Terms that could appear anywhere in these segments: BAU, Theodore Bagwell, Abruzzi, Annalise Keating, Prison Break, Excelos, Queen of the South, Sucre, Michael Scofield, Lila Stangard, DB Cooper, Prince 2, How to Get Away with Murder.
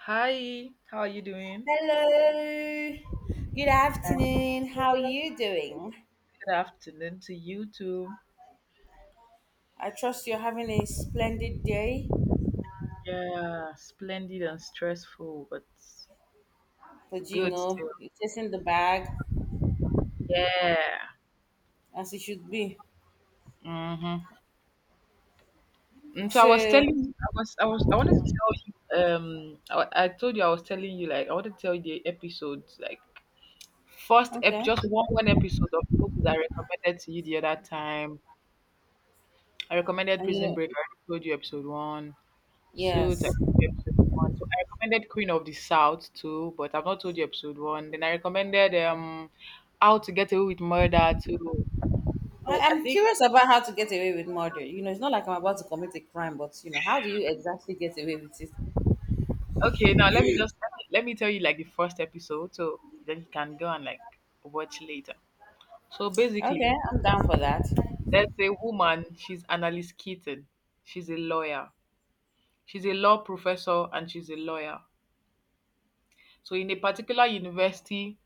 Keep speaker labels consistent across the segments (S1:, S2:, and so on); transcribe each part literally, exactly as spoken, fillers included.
S1: Hi, how are you doing?
S2: Hello. Good afternoon. How are you doing?
S1: Good afternoon to you too.
S2: I trust you're having a splendid day,
S1: Yeah, splendid and stressful, but it's
S2: but you
S1: good
S2: know,
S1: still.
S2: you're chasing the bag
S1: Yeah.
S2: as it should be.
S1: Mm-hmm. And so I was
S2: So,
S1: telling, I was, I was, I wanted to tell you. Um, I, I told you I was telling you, like, I wanted to tell you the episodes, like first ep,
S2: okay.
S1: just one one episode of the movies I recommended to you the other time. I recommended
S2: And you
S1: Prison
S2: know,
S1: Break. I already told you episode one. So that
S2: yes.
S1: episode one. So I recommended Queen of the South too, but I've not told you episode one. Then I recommended um How to Get Away with Murder too. So
S2: I-
S1: I
S2: I'm
S1: think,
S2: curious about how to get away with murder. You know, it's not like I'm about to commit a crime, but you know, how do you exactly get away with it?
S1: okay, now let me just let me, let me tell you like the first episode, so then you can go and like watch later. So
S2: Okay,
S1: basically,
S2: I'm down for that.
S1: there's a woman, she's Annalise Keaton. She's a lawyer. She's a law professor and she's a lawyer. So in a particular university,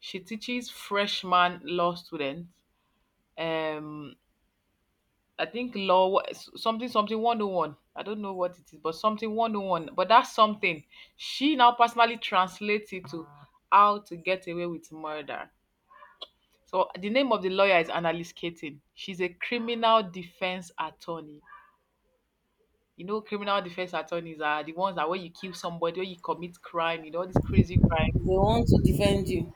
S1: she teaches freshman law students um I think law wha- s- something something one oh one. I don't know what it is, but something one oh one. But that's something. She now personally translates it to how to get away with murder. So the name of the lawyer is Annalise Keating. She's a criminal defense attorney. You know, criminal defense attorneys are the ones that when you kill somebody, when you commit crime, you know, all these crazy crimes.
S2: They want to defend you.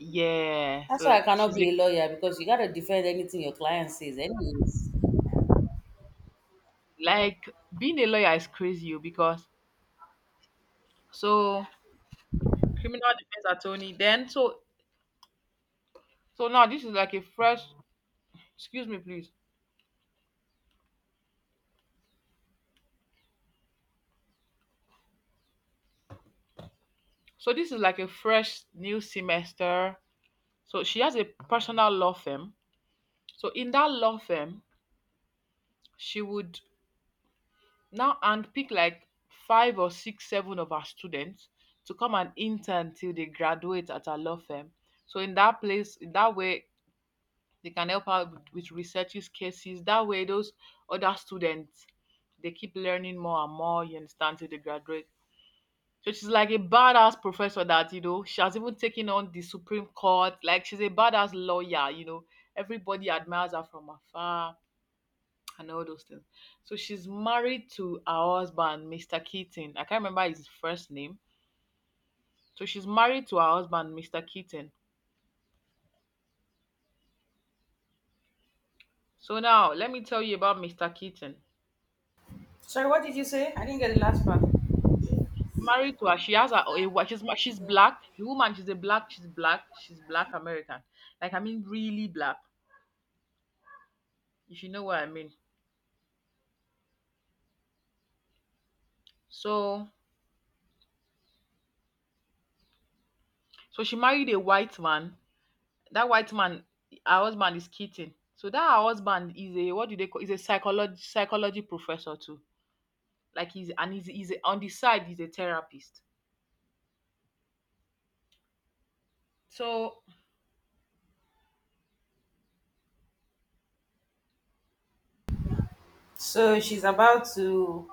S1: Yeah.
S2: That's why
S1: So
S2: I cannot
S1: she's
S2: be a
S1: like,
S2: lawyer because you gotta defend anything your client says, anyways.
S1: like being a lawyer is crazy oh, because so criminal defense attorney. Then so so now this is like a fresh, excuse me, please. So this is like a fresh new semester. So she has a personal law firm. So in that law firm, she would now handpick like five or six, seven of her students to come and intern till they graduate at her law firm. So in that place, in that way, they can help her with, with research use cases. That way, those other students, they keep learning more and more, you understand, till they graduate. So she's like a badass professor that, you know, she has even taken on the Supreme Court. Like she's a badass lawyer, you know. Everybody admires her from afar and all those things. So she's married to her husband, mister Keaton. I can't remember his first name. So she's married to her husband, mister Keaton. So now let me tell you about mister Keaton.
S2: Sorry, what did you say? I didn't get the last part.
S1: Married to her, she has a, a wa- she's ma- she's black. The woman, she's a black, she's black, she's black American. Like I mean, really black. If you know what I mean. So so she married a white man. That white man, her husband is Keaton. So that her husband is a, what do they call? Is a psychology psychology professor too. Like he's, and he's, he's a, on the side he's a therapist. So
S2: So she's about to.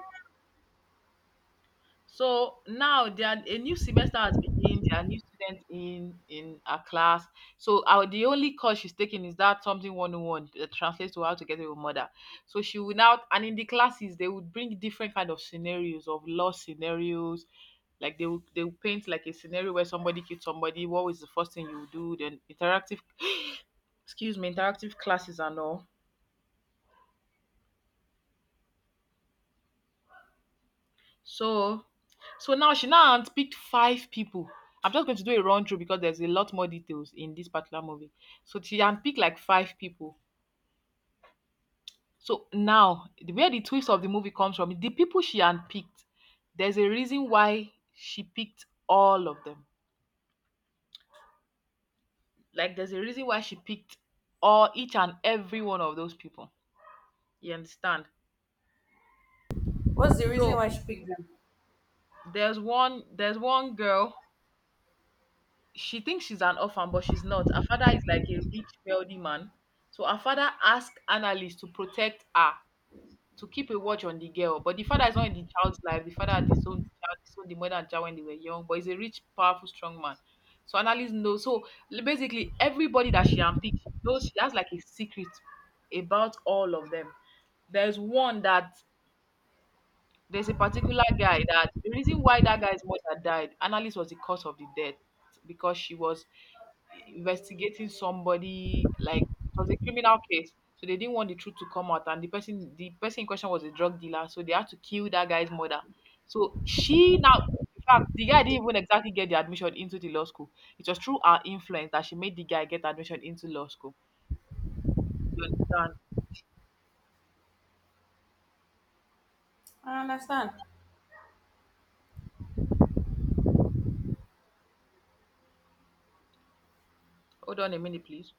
S1: so now there are, a new semester has begun. There are new students in in our class. So our the only course she's taking is that something one oh one that translates to how to get away mother. So she will now and in the classes they would bring different kind of scenarios of law scenarios. Like they will they will paint like a scenario where somebody killed somebody. What was the first thing you would do? Then interactive, excuse me, interactive classes and all. So so now she now has picked five people. I'm just going to do a run through because there's a lot more details in this particular movie. So she handpicked like five people. So now the where the twist of the movie comes from, the people she handpicked, there's a reason why she picked all of them. Like there's a reason why she picked all each and every one of those people. You understand?
S2: What's the reason
S1: So
S2: why she picked them?
S1: there's one there's one girl, she thinks she's an orphan, but she's not. Her father is like a rich, wealthy man. So her father asked Annalise to protect her, to keep a watch on the girl. But the father is not in the child's life. The father had disowned the child, disowned the mother and child when they were young, but he's a rich, powerful, strong man. So Annalise knows. So li- basically, everybody that she handpicked, she knows, she has like a secret about all of them. There's one that there's a particular guy that the reason why that guy's mother died, Annalise was the cause of the death because she was investigating somebody, like it was a criminal case. So they didn't want the truth to come out, and the person the person in question was a drug dealer, so they had to kill that guy's mother. So she now, in fact, the guy didn't even exactly get the admission into the law school. It was through her influence that she made the guy get admission into law school. You understand?
S2: I understand.
S1: Hold on a minute, please.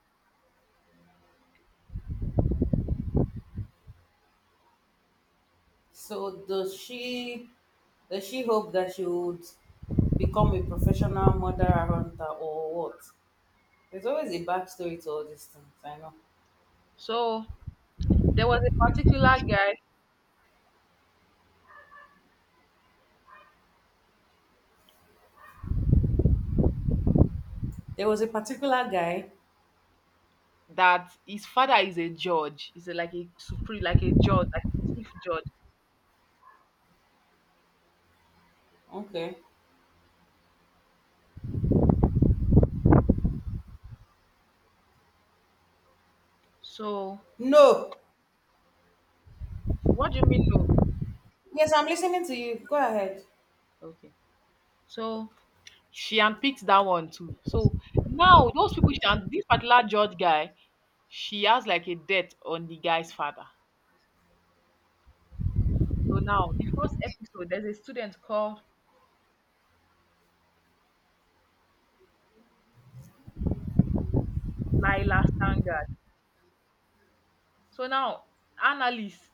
S2: So does she does she hope that she would become a professional murderer hunter or what? There's always a backstory to all these things. I know.
S1: So there was a particular guy
S2: There was a particular guy.
S1: that his father is a judge. He's a, like a supreme, like a judge, like a chief judge.
S2: Okay.
S1: So
S2: No.
S1: what do you mean? No,
S2: Yes, I'm listening to you. Go ahead.
S1: okay. So she unpicked that one too. So now those people, she and this particular judge guy, she has like a debt on the guy's father. So now the first episode, there's a student called Lila Stangard. So now analyst,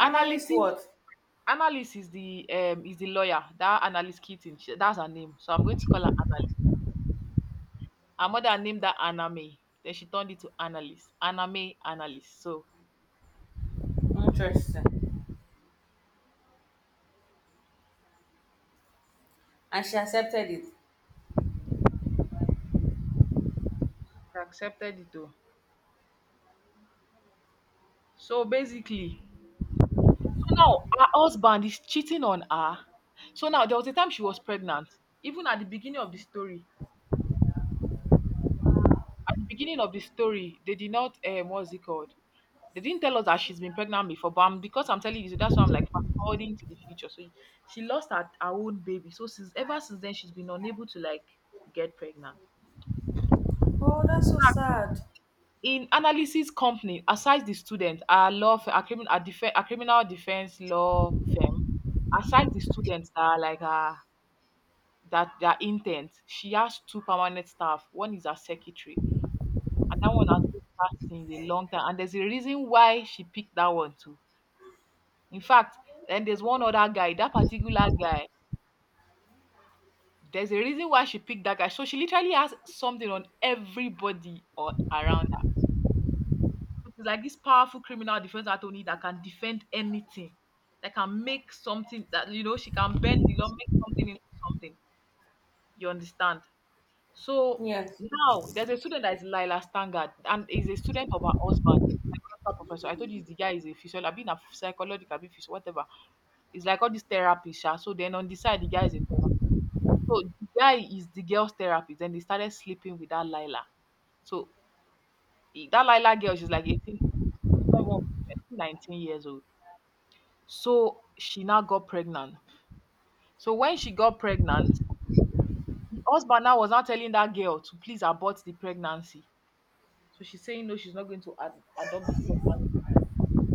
S2: Analyst what?
S1: analyst is the um is the lawyer. That analyst Keating, she- that's her name. So I'm going to call her analyst. Her mother named her Anna May. Then she turned it to Annalise. Anna May, Annalise. So
S2: Interesting. And she accepted it.
S1: she accepted it too. So basically, so now her husband is cheating on her. So now there was a time she was pregnant. Even at the beginning of the story, at the beginning of the story, they did not, um, what's it called? They didn't tell us that she's been pregnant before, but I'm, because I'm telling you, so that's why I'm like fast forwarding to the future. So she lost her, her own baby. So since ever since then, she's been unable to like get pregnant.
S2: Oh, that's so sad.
S1: In analysis company, aside the student, our law firm, our, crimin- our, defe- our criminal defense law firm, aside the students that are like uh, that their intent, she has two permanent staff. One is her secretary, and that one has been with her since a long time. And there's a reason why she picked that one too. In fact, then there's one other guy, that particular guy. There's a reason why she picked that guy. So she literally has something on everybody or around. It's like this powerful criminal defense attorney that can defend anything, that can make something that, you know, she can bend the law, make something into something. You understand? So
S2: Yes.
S1: now there's a student that is Lila Stangard and is a student of her husband, psychological professor. I told you the guy is a physiology, I've been a psychological, I've physio, whatever. It's like all these therapists. Sha. So then on the side, the guy is a therapist. So the guy is the girl's therapist. Then they started sleeping with that Lila. So E- that Lila girl, she's like eighteen, she's not even eighteen, nineteen years old. So she now got pregnant. So when she got pregnant, the husband now was now telling that girl to please abort the pregnancy. So she's saying no, she's not going to ad- adopt the pregnancy.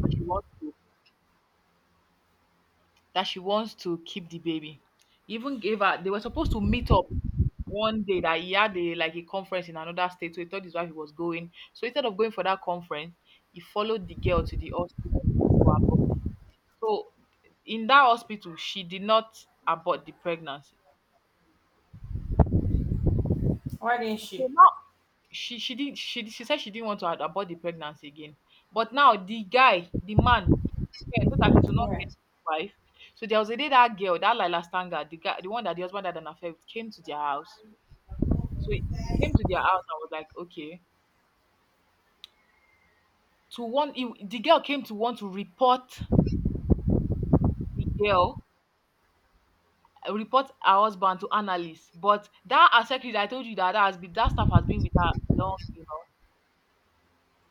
S1: That she wants to, that she wants to keep the baby. He even gave her. They were supposed to meet up one day that he had a like a conference in another state. So he told his wife he was going. So instead of going for that conference, he followed the girl to the hospital to abort. So in that hospital, she did not abort the pregnancy.
S2: Why didn't
S1: So
S2: she?
S1: now she she didn't she she said she didn't want to a abort the pregnancy again. But now the guy, the man is scared so that it will
S2: All
S1: not get
S2: right.
S1: his wife. So there was a day that girl, that Laila Stanga, the guy, the one that the husband had an affair with, came to their house. So he he came to their house and was like, okay. To one, he, the girl came to want to report the girl, uh, report her husband to analyst. But that her secretary that I told you that, that has been that staff has been with her long enough.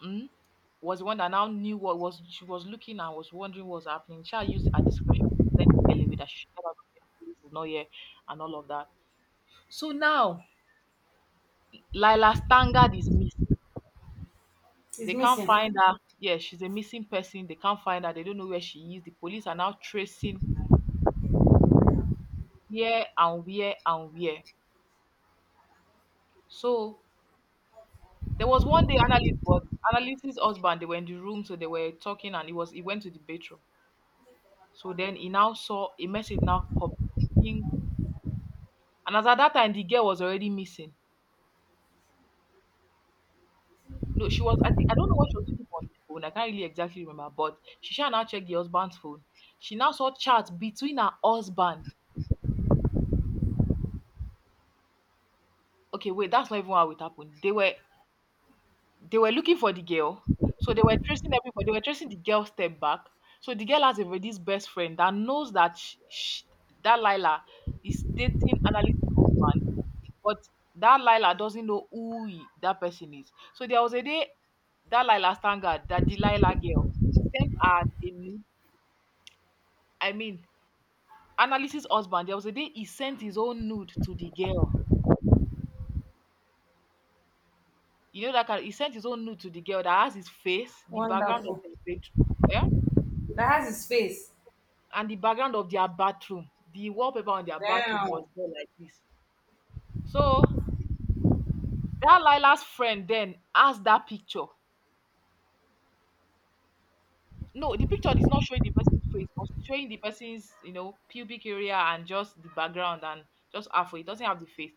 S1: Mm. Was the one that now knew what was, she was looking and was wondering what was happening. She used her discretion to send the girl away, that she should get out of here. This is not here, and all of that. So now Lila Stangard is missing.
S2: It's
S1: They can't
S2: missing.
S1: find her. Yeah, she's a missing person. They can't find her. They don't know where she is. The police are now tracing here and where and where. So there was one day analyst was analyst's husband. They were in the room, so they were talking, and he was he went to the bathroom. So then he now saw a message now popped And as at that time, the girl was already missing. No, she was. I think I don't know what she was doing on the phone. I can't really exactly remember. But she shall now check the husband's phone. She now saw chat between her husband. Okay, wait, that's not even how it happened. They were they were looking for the girl, so they were tracing everybody. They were tracing the girl step back. So the girl has a this best friend that knows that sh sh that Lila is dating Annalise's husband. But that Lila doesn't know who he, that person is. So there was a day that Lila Stanga, that Delilah girl, sent her a nude. I mean, Analysis husband, there was a day he sent his own nude to the girl. You know that kind he sent his own nude to the girl that has his face, the background of
S2: Wonderful.
S1: their bedroom, yeah,
S2: That has his face.
S1: and the background of their bathroom. The wallpaper on their bathroom was
S2: Damn.
S1: there like this. So that Lila's friend then asked that picture No, the picture is not showing the person's face, but it's showing the person's, you know, pubic area and just the background and just halfway. It doesn't have the face.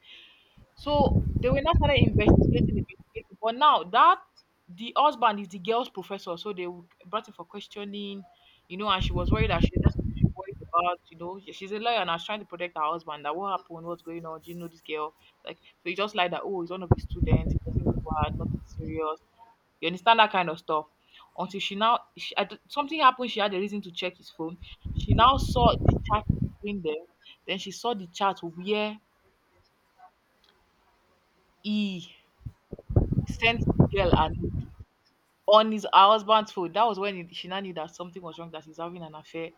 S1: So they were not started investigating, investigating. But now that the husband is the girl's professor, so they w- brought him for questioning, you know, and she was worried that she that's what she worried about, you know. She- She's a lawyer and I was trying to protect her husband. That what happened, what's going on? Do you know this girl? Like so he just lied that oh, he's one of his students, he wasn't bad, nothing serious. You understand that kind of stuff. Until she now, she, I d something happened. She had a reason to check his phone. She now saw the chat between them. Then she saw the chat where he sent the girl a note on his her husband's phone. That was when it, she now knew that something was wrong. That he's having an affair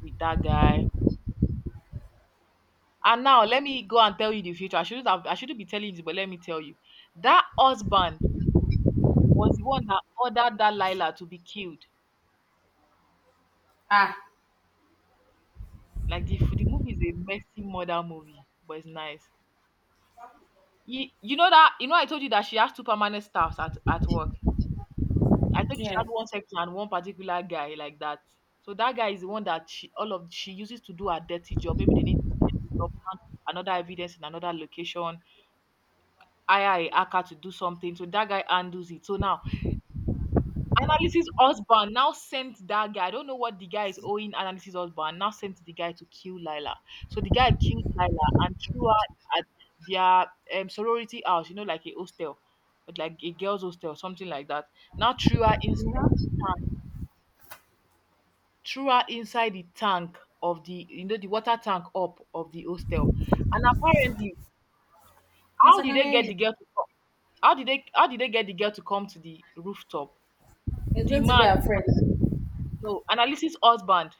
S1: with that guy. And now let me go and tell you the future. I shouldn't have, I shouldn't be telling you this, but let me tell you. That husband was the one that ordered that Lila to be killed.
S2: Ah.
S1: Like the, the movie is a messy murder movie, but it's nice. You, you know that you know I told you that she has two permanent staffs at, at work. I told you she had
S2: Yes.
S1: one section and one particular guy like that. So that guy is the one that she all of she uses to do her dirty job. Maybe they need to send it up, plant another evidence in another location, hire a hacker to do something. So that guy handles it. So now Analysis husband now sent that guy. I don't know what the guy is owing Analysis husband. Now sent the guy to kill Lila. So the guy killed Lila and threw her at their um, sorority house. You know, like a hostel, but like a girls' hostel, something like that. Now threw her inside
S2: No?
S1: the tank. Threw her inside the tank of the you know the water tank up of the hostel. And apparently,
S2: Yes,
S1: how
S2: I
S1: did
S2: can
S1: they
S2: hear
S1: get
S2: you.
S1: the girl to come? How did they how did they get the girl to come to the rooftop?
S2: It's
S1: The
S2: going to be
S1: man,
S2: our friend.
S1: no, analysis husband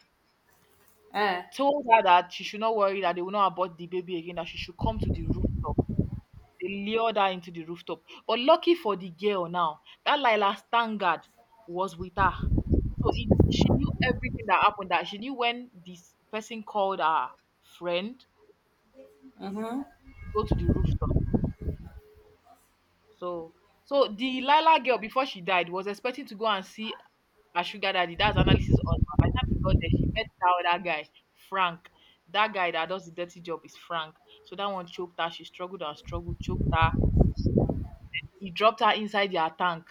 S2: Eh.
S1: told her that she should not worry that they will not abort the baby again, that she should come to the rooftop. They lured her into the rooftop. But lucky for the girl now, that Lila Stangard was with her. So it, she knew everything that happened. That she knew when this person called her friend to go to the rooftop. So so the Lila girl before she died was expecting to go and see her sugar daddy. That's analysis husband. By the time he got there, she met that other guy, Frank. That guy that does the dirty job is Frank. So that one choked her. She struggled and struggled, choked her. He dropped her inside their tank.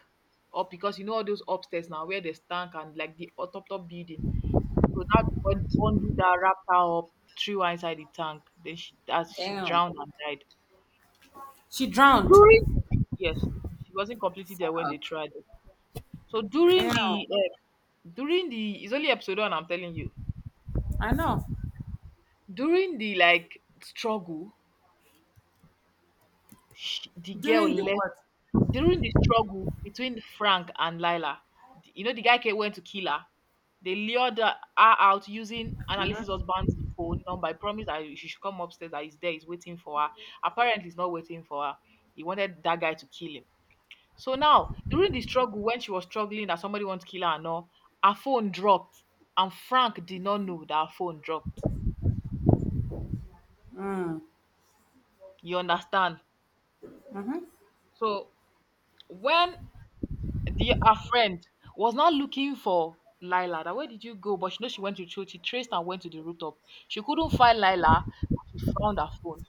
S1: Up because you know all those upstairs now where there's tank and like the o- top top building. So that one undo that, wrapped her up, threw her inside the tank. Then she as she
S2: Damn.
S1: drowned and died.
S2: She
S1: So
S2: drowned.
S1: during yes, she wasn't completely there when they
S2: Fuck.
S1: tried it. So during
S2: Damn.
S1: the uh, during the it's only episode one I'm telling you
S2: I know.
S1: During the, like, struggle, sh the girl
S2: During the
S1: left
S2: what?
S1: during the struggle between Frank and Lila, the you know, the guy came went to kill her. They lured her her out using Annalise's husband's phone number, I promised that she should come upstairs, that he's there, he's waiting for her. Apparently, he's not waiting for her. He wanted that guy to kill him. So now, during the struggle, when she was struggling that somebody wants to kill her and all, her phone dropped, and Frank did not know that her phone dropped.
S2: Mm.
S1: You understand?
S2: Mm-hmm.
S1: So when the her friend was not looking for Lila. That where did you go? But she know she went to church. She traced and went to the rooftop. She couldn't find Lila, but she found her phone.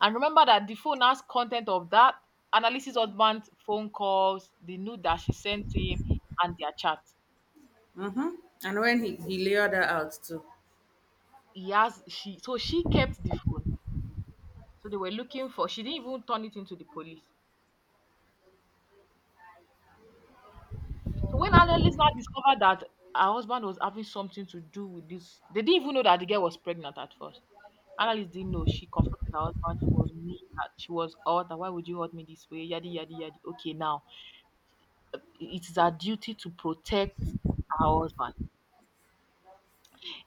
S1: And remember that the phone has content of that analysis husband's phone calls, the nude that she sent him, and their chat.
S2: Mm-hmm. And when he, he laid her out too.
S1: He has she so she kept the phone. So they were looking for. She didn't even turn it into the police. So when Annelies now discovered that her husband was having something to do with this, they didn't even know that the girl was pregnant at first. Annalise didn't know. She confronted her husband. She was mean. That she was hurt. That Why would you hurt me this way? Yadi yadi yadi. Okay, now it is our duty to protect our husband.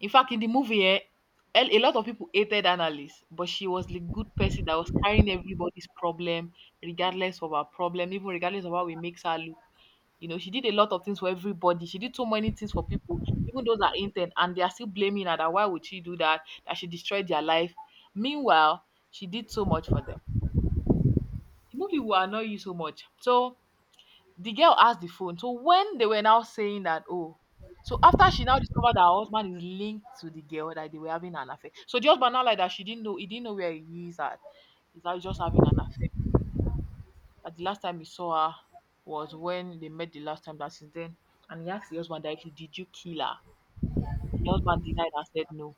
S1: In fact, in the movie, eh, a a lot of people hated Annalise, but she was the good person that was carrying everybody's problem, regardless of our problem, even regardless of how it makes her look. You know, she did a lot of things for everybody. She did so many things for people, even those that intern, and they are still blaming her that why would she do that? That she destroyed their life. Meanwhile, she did so much for them. The movie will annoy you so much. So the girl asked the phone. So when they were now saying that, oh, so after she now discovered that her husband is linked to the girl that they were having an affair. So the husband now like that she didn't know he didn't know where he is at. He's now just having an affair. That the last time he saw her was when they met the last time that since then. And he asked the husband directly, did you kill her? The husband denied and said no.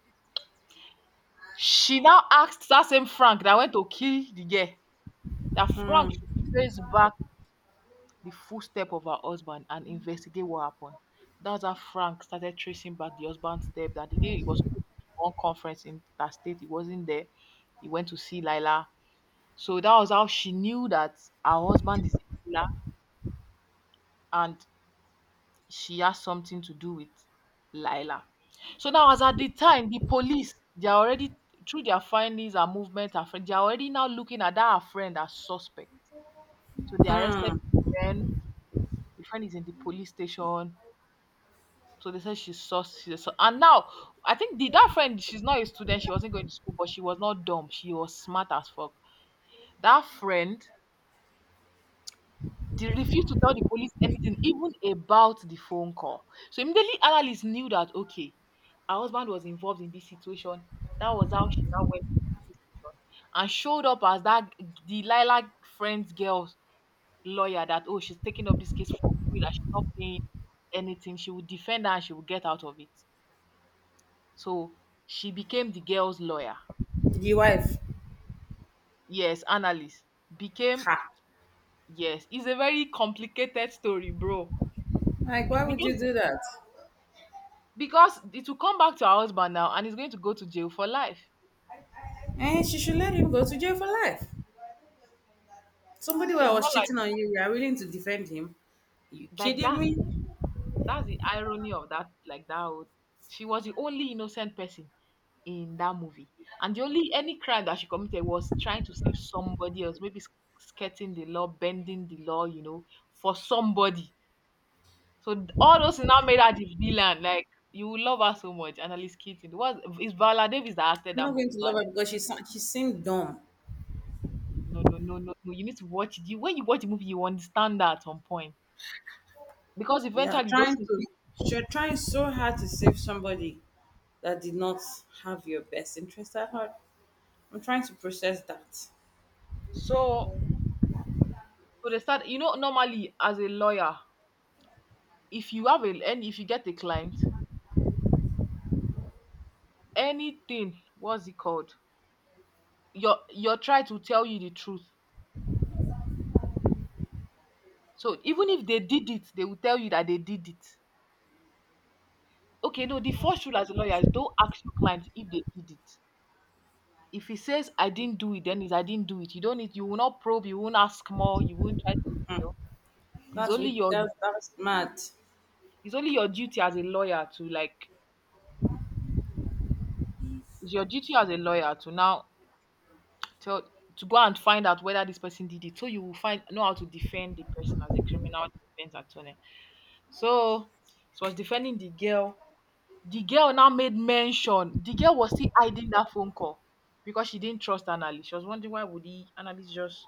S1: She now asked that same Frank that went to kill the girl. That Frank
S2: Mm.
S1: should trace back the footstep of her husband and investigate what happened. That's how Frank started tracing back the husband's step that the day he was supposed to be one conference in that state, he wasn't there. He went to see Lila. So that was how she knew that her husband is a killer and she has something to do with Lila. So now, as at the time, the police they are already through their findings and movement. Her friend, they are already now looking at that her friend as suspect. So they arrested
S2: Mm.
S1: the friend. The friend is in the police station. So they said she's saw she's saw and now I think the that friend she's not a student, she wasn't going to school, but she was not dumb. She was smart as fuck. That friend did refuse to tell the police anything, even about the phone call. So immediately analysts knew that okay, her husband was involved in this situation. That was how she now went to the police station and showed up as that Delilah friend's girl's lawyer that oh she's taking up this case for free, that she's not paying anything. She would defend her and she would get out of it. So she became the girl's lawyer.
S2: The wife.
S1: Yes, analyst. Became
S2: Ha.
S1: yes. It's a very complicated story, bro.
S2: Like,
S1: But
S2: why
S1: she
S2: would you
S1: became
S2: do that?
S1: because it will come back to her husband now, and he's going to go to jail for life.
S2: And she should let him go to jail for life. Somebody who
S1: So
S2: I
S1: it's more
S2: was
S1: like
S2: cheating on you, you are willing to defend him. You
S1: like
S2: kidding
S1: that's
S2: me? I'm
S1: that's the irony of that. Like that, whole- she was the only innocent person in that movie, and the only, any crime that she committed was trying to save somebody else, maybe sk- skirting the law, bending the law, you know, for somebody. So th- all those things now made her the villain. Like, you will love her so much, Annalise Keating. What is Viola Davis that acted
S2: not
S1: that
S2: going
S1: movie?
S2: to love her
S1: Viola.
S2: because she sa- she seemed dumb.
S1: No, no, no, no, no. You need to watch it. You, when you watch the movie, you understand that at some point, because
S2: Yeah,
S1: eventually those
S2: trying
S1: things.
S2: to you're trying so hard to save somebody that did not have your best interest at heart. I'm trying to process that.
S1: So so they start. You know, normally as a lawyer, if you have a, and if you get a client, anything, what's it called? Your your try to tell you the truth. So even if they did it, they will tell you that they did it. Okay, no, the first rule as a lawyer is don't ask your client if they did it. If he says, "I didn't do it," then it's, "I didn't do it." You don't need. You will not probe. You won't ask more. You won't try to. You
S2: Mm.
S1: know, it's
S2: That's
S1: only
S2: weak.
S1: your
S2: That's that's mad.
S1: it's only your duty as a lawyer to, like. It's your duty as a lawyer to now tell, to go and find out whether this person did it. So you will find, know how to defend the person as a criminal defense attorney. So it was defending the girl. The girl now made mention. The girl was still hiding that phone call because she didn't trust Annalie. She was wondering why would he, Annalie, just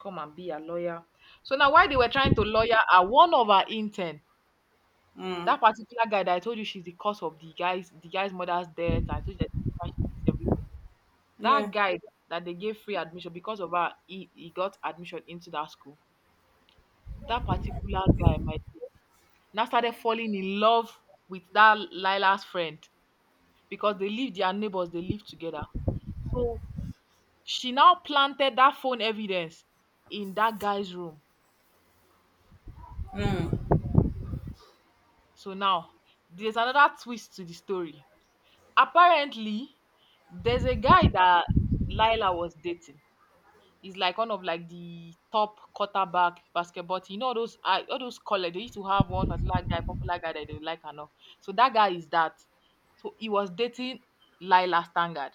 S1: come and be a lawyer. So now while they were trying to lawyer her, one of her intern,
S2: Mm.
S1: that particular guy that I told you she's the cause of the guy's the guy's mother's death. I told you that she hates everybody. That
S2: Yeah.
S1: guy that they gave free admission because of her, he, he got admission into that school. That particular guy, my dear, now started falling in love with that Lila's friend, because they live, their neighbors, they live together. So she now planted that phone evidence in that guy's room. So now there's another twist to the story. Apparently, there's a guy that Lila was dating. He's like one of, like, the top quarterback basketball team. You know, all those uh, all those college. They used to have one particular guy, popular guy, that they like and all. So that guy is that. So he was dating Lila Stangard.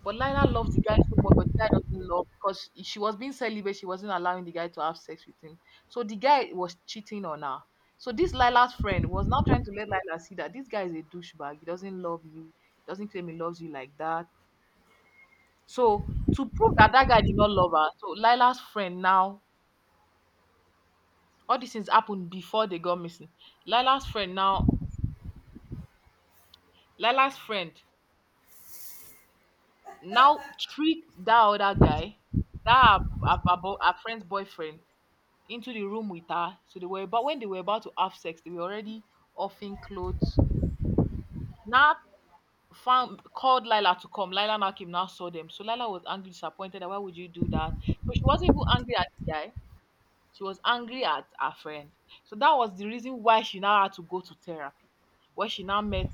S1: But Lila loves the guy so much, but the guy doesn't love, because she was being celibate. She wasn't allowing the guy to have sex with him. So the guy was cheating on her. So this Lila's friend was now trying to let Lila see that this guy is a douchebag. He doesn't love you. Doesn't claim he loves you like that. So to prove that that guy did not love her, so Lila's friend now, all these things happened before they got missing. Lila's friend now, Lila's friend now tricked that other guy, that her, her, her bo- her friend's boyfriend, into the room with her. So they were about, when they were about to have sex, they were already offing clothes. She now found, called Lila to come. Lila now came, now saw them. So Lila was angry, disappointed, that why would you do that? So she wasn't even angry at the guy. She was angry at her friend. So that was the reason why she now had to go to therapy. Where she now met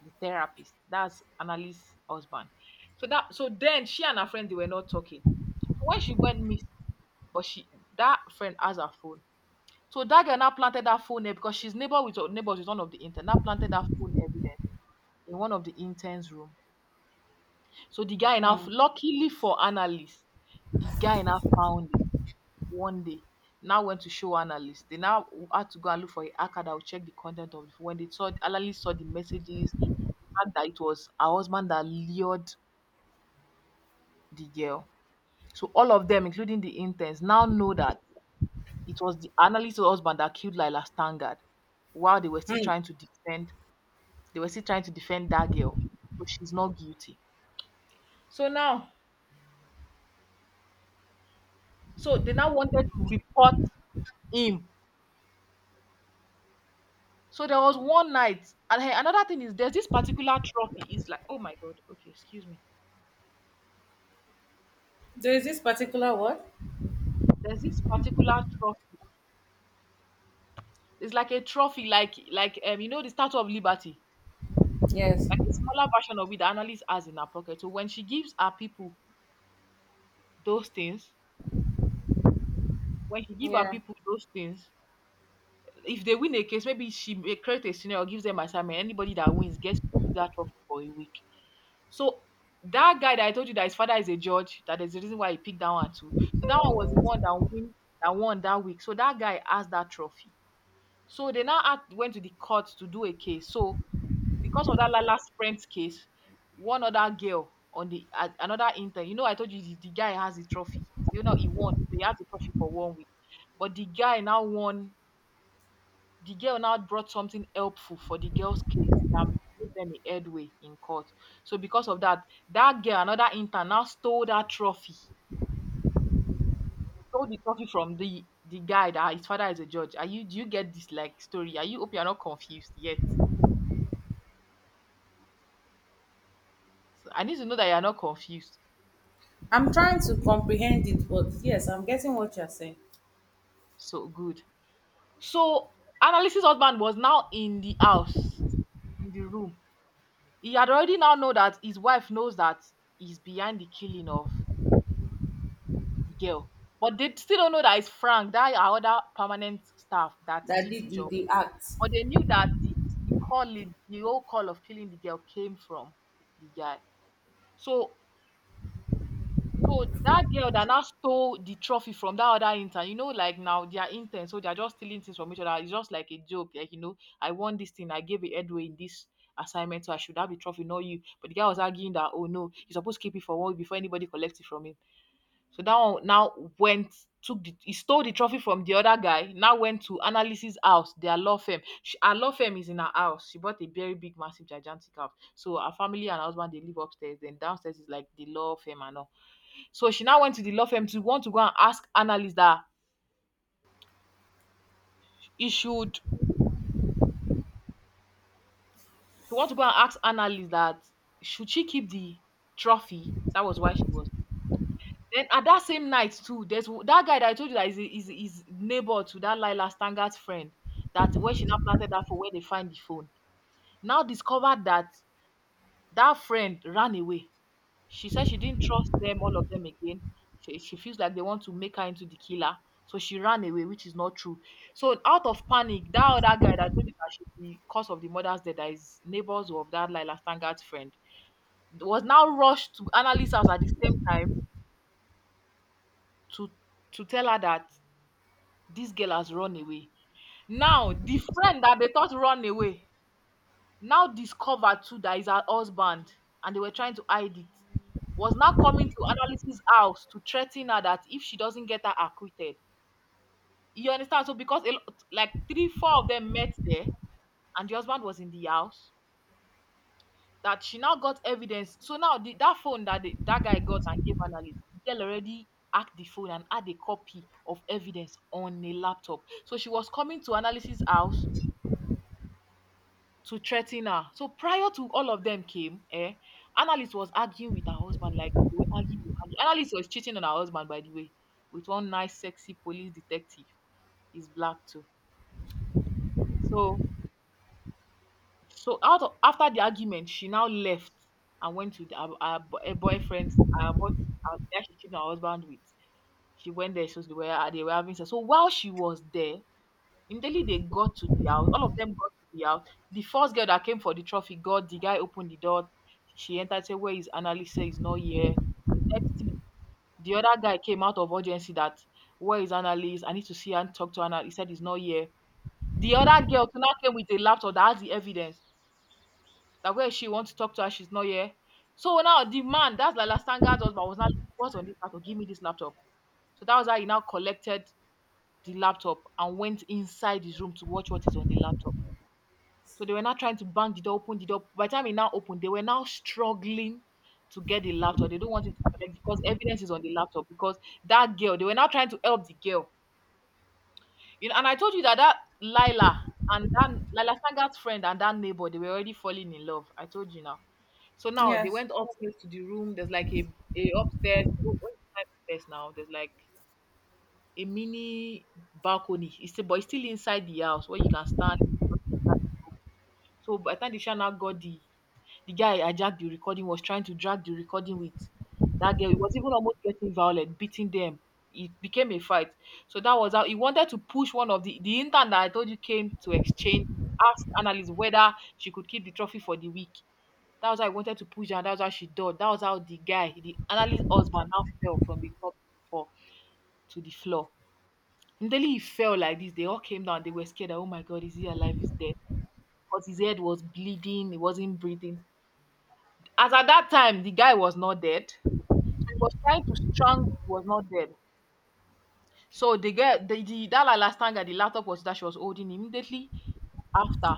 S1: the therapist. That's Annalise's husband. So that so then she and her friend, they were not talking. So when she went miss, but she, that friend has her phone. So that girl now planted that phone there because she's neighbor with, neighbors with one of the interns. Now planted that phone evidence in one of the interns' room. So the guy now,
S2: Mm.
S1: luckily for analysts, the guy now found it one day. Now went to show analysts. They now had to go and look for a hacker that would check the content of it. When they saw, analysts saw the messages, the fact that it was her husband that lured the girl. So all of them, including the interns, now know that it was the analyst's husband that killed Lila Stangard while they were still
S2: Hmm.
S1: trying to defend. They were still trying to defend that girl. So she's not guilty. So now, so they now wanted to report him. So there was one night, and hey, another thing is, there's this particular trophy. Is like, oh my god, okay, excuse me.
S2: There is this particular word.
S1: There's this particular trophy. It's like a trophy, like like um, you know, the Statue of Liberty,
S2: Yes.
S1: like a smaller version of it. The analyst has in her pocket. So when she gives her people those things, when she give her
S2: Yeah.
S1: people those things, if they win a case, maybe she may create a scenario, gives them assignment. Anybody that wins gets to keep that trophy for a week. So that guy that I told you that his father is a judge, that is the reason why he picked that one too. So that one was the one that win, that won that week. So that guy asked that trophy. So they now act, went to the court to do a case. So because of that la- last friend's case, one other girl on the a- another intern, you know, I told you the, the guy has the trophy. You know, he won, so he has the trophy for one week. But the guy now won, the girl now brought something helpful for the girl's case that gave them a headway in court. So because of that, that girl, another intern, now stole that trophy. Stole the trophy from the the guy that his father is a judge. Are you, do you get this like story? Are you, hope you are not confused yet? So I need to know that you are not confused.
S2: I'm trying to comprehend it, but yes, I'm getting what you're saying.
S1: So good. So Annalise's husband was now in the house, in the room. He had already now know that his wife knows that he's behind the killing of the girl. But they still don't know that it's Frank, that our other permanent staff that
S2: That
S1: did the
S2: did the,
S1: job.
S2: the act.
S1: But they knew that the, the calling, the whole call of killing the girl, came from the guy. So so that girl that now stole the trophy from that other intern, you know, like now they are interns, so they are just stealing things from each other. It's just like a joke, like, you know, I won this thing, I gave it headway in this assignment, so I should have the trophy, not you. But the guy was arguing that, oh no, you're supposed to keep it for one week before anybody collects it from him. So that one now went, took the, he stole the trophy from the other guy, now went to Annalise's house, their law firm. She, her law firm is in her house. She bought a very big, massive, gigantic house. So her family and her husband, they live upstairs, then downstairs is like the law firm and all. So she now went to the law firm to want to go and ask Annalise that he should, to want to go and ask Annalise that should she keep the trophy. That was why she was. Then at that same night too, there's w- that guy that I told you that is a- is, is neighbor to that Lila Stanger's friend. That where she now planted that for, where they find the phone. Now discovered that that friend ran away. She said she didn't trust them, all of them again. She, she feels like they want to make her into the killer. So she ran away, which is not true. So out of panic, that other guy that I told you that she's the cause of the murder's death, that is neighbors of that Lila Stanger's friend, was now rushed to Annalisa's house at the same time to to tell her that this girl has run away. Now, the friend that they thought run away now discovered too that is her husband and they were trying to hide it. Was now coming to Analysis' house to threaten her that if she doesn't get her acquitted. You understand? So, because a lot, like three, four of them met there, and the husband was in the house, that she now got evidence. So, now the, that phone that the, that guy got and gave Annalise, the girl already hacked the phone and had a copy of evidence on a laptop. So, she was coming to Analysis' house to threaten her. So prior to all of them came, eh, analyst was arguing with her husband, like they were arguing with- and The analyst was cheating on her husband, by the way, with one nice, sexy police detective. He's black too. So, so out of, after the argument, she now left and went to the, her, her, bo- her boyfriend's, her boyfriend's house that she cheated on her husband with. She went there, so they were they were having sex. So while she was there, immediately they got to the house, all of them got to the house. The first girl that came for the trophy got the guy opened the door. She entered, said, "Where is Annalise? Is not here." The next thing, the other guy came out of urgency that where is Annalise? I need to see her and talk to Anna. He said he's not here. The other girl to now came with a laptop that has the evidence that where she wants to talk to her, she's not here. So now the man, that's like Lastanga's husband, was not what's on this laptop? Give me this laptop. So that was how he now collected the laptop and went inside his room to watch what is on the laptop. So they were now trying to bang the door, open the door. By the time it now opened, they were now struggling to get the laptop. They don't want it to collect because evidence is on the laptop. Because that girl, they were now trying to help the girl. You know, and I told you that that Lila and that Lila Sangat's friend and that neighbor, they were already falling in love. I told you now. So now they
S2: Yes.
S1: went upstairs to the room. There's like a, a upstairs. you know, When you climb upstairs now, there's like a mini balcony. It's still, but it's still inside the house where you can stand. So by the time the Shana got the The guy I jacked the recording was trying to drag the recording with that girl. He was even almost getting violent, beating them. It became a fight. So that was how he wanted to push one of the the intern that I told you came to exchange, ask analyst whether she could keep the trophy for the week. That was how I wanted to push her, and that was how she died. That was how the guy, the analyst husband, now fell from the top to fall to the floor. Immediately he fell like this, they all came down. They were scared that, oh my God, is he alive? Is dead? Because his head was bleeding. He wasn't breathing. As at that time, the guy was not dead. He was trying to strangle, he was not dead. So the girl, the, the that Lala Stanga, the laptop was that she was holding immediately after.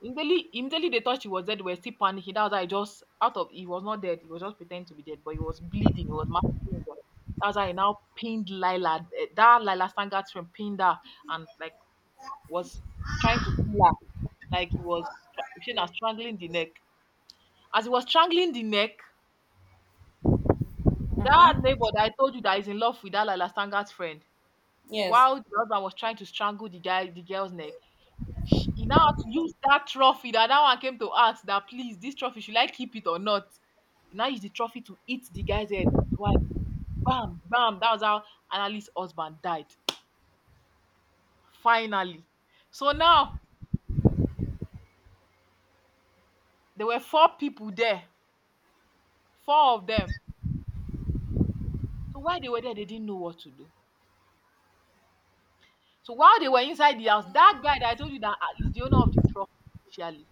S1: Immediately, immediately they thought she was dead. We were still panicking. That was how he just out of he was not dead. He was just pretending to be dead, but he was bleeding. He was massively injured. That's why he now pinned Lila. eh, That Lila Stanga's friend pinned her and like was trying to kill her. Like he was stra- she was strangling the neck. As he was strangling the neck, that neighbor
S2: Mm-hmm.
S1: that I told you that is in love with that Laila Stanger's friend,
S2: Yes.
S1: while the husband was trying to strangle the guy, the girl's neck, sh he now had to use that trophy that that one came to ask that please, this trophy, should I keep it or not? He now used the trophy to hit the guy's head twice. Bam, bam. That was how Annalise's husband died. Finally. So now there were four people there, four of them. So while they were there, they didn't know what to do. So while they were inside the house, that guy that I told you that ah, is the owner of the trophy, surely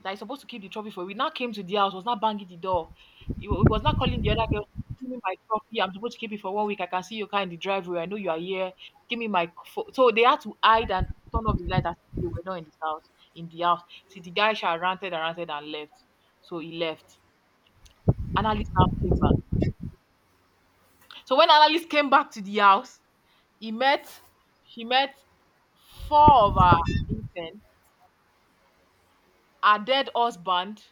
S1: that is supposed to keep the trophy for. We now came to the house, was not banging the door. He wa- he was not calling the other girl, give me my trophy. I'm supposed to keep it for one week. I can see your car in the driveway. I know you are here. Give me my pho-" so they had to hide and turn off the light as if they were not in this house, in the house. See the guy shall ranted and ranted and left. So he left. Analyst now came back. So when analyst came back to the house, he met she met four of her intern, her dead husband.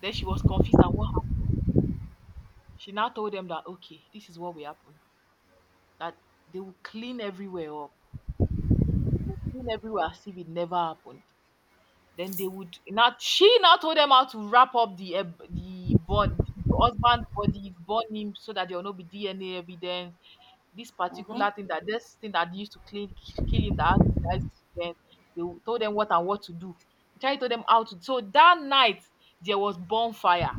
S1: Then she was confused that she now told them that okay, this is what will happen. That they will clean everywhere up. Will clean everywhere as if it never happened. Then they would not. She now told them how to wrap up the eh, the, bond, the husband body, burn him so that there will not be D N A evidence. This
S2: Mm-hmm.
S1: particular thing that this thing that used to clean kill him that has that has evidence. They will- told them what and what to do. She tried to tell them how to. So that night there was bonfire.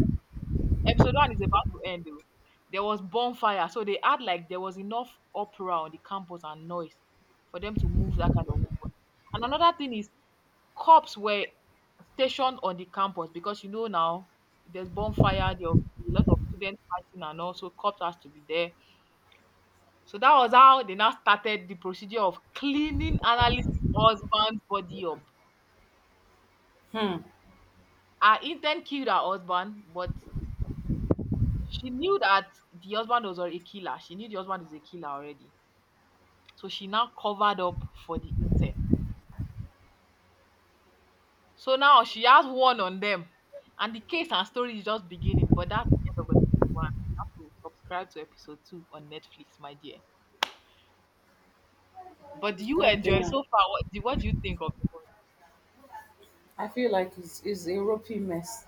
S1: Episode one is about to end. Though. There was bonfire, so they had like there was enough opera on the campus and noise for them to move that kind of. And another thing is cops were stationed on the campus because you know now there's bonfire, there'll be a lot of students fighting, and also cops has to be there. So that was how they now started the procedure of cleaning analysis husband's body up.
S2: Hmm.
S1: Her intent killed her husband, but she knew that the husband was already a killer. She knew the husband is a killer already. So she now covered up for the intern. So now she has one on them. And the case and story is just beginning. But that's the end of episode one. You have to subscribe to episode two on Netflix, my dear. But do you
S2: God
S1: enjoy
S2: damn.
S1: so far? What do, what do you think of the
S2: I feel like it's, it's a ropey mess.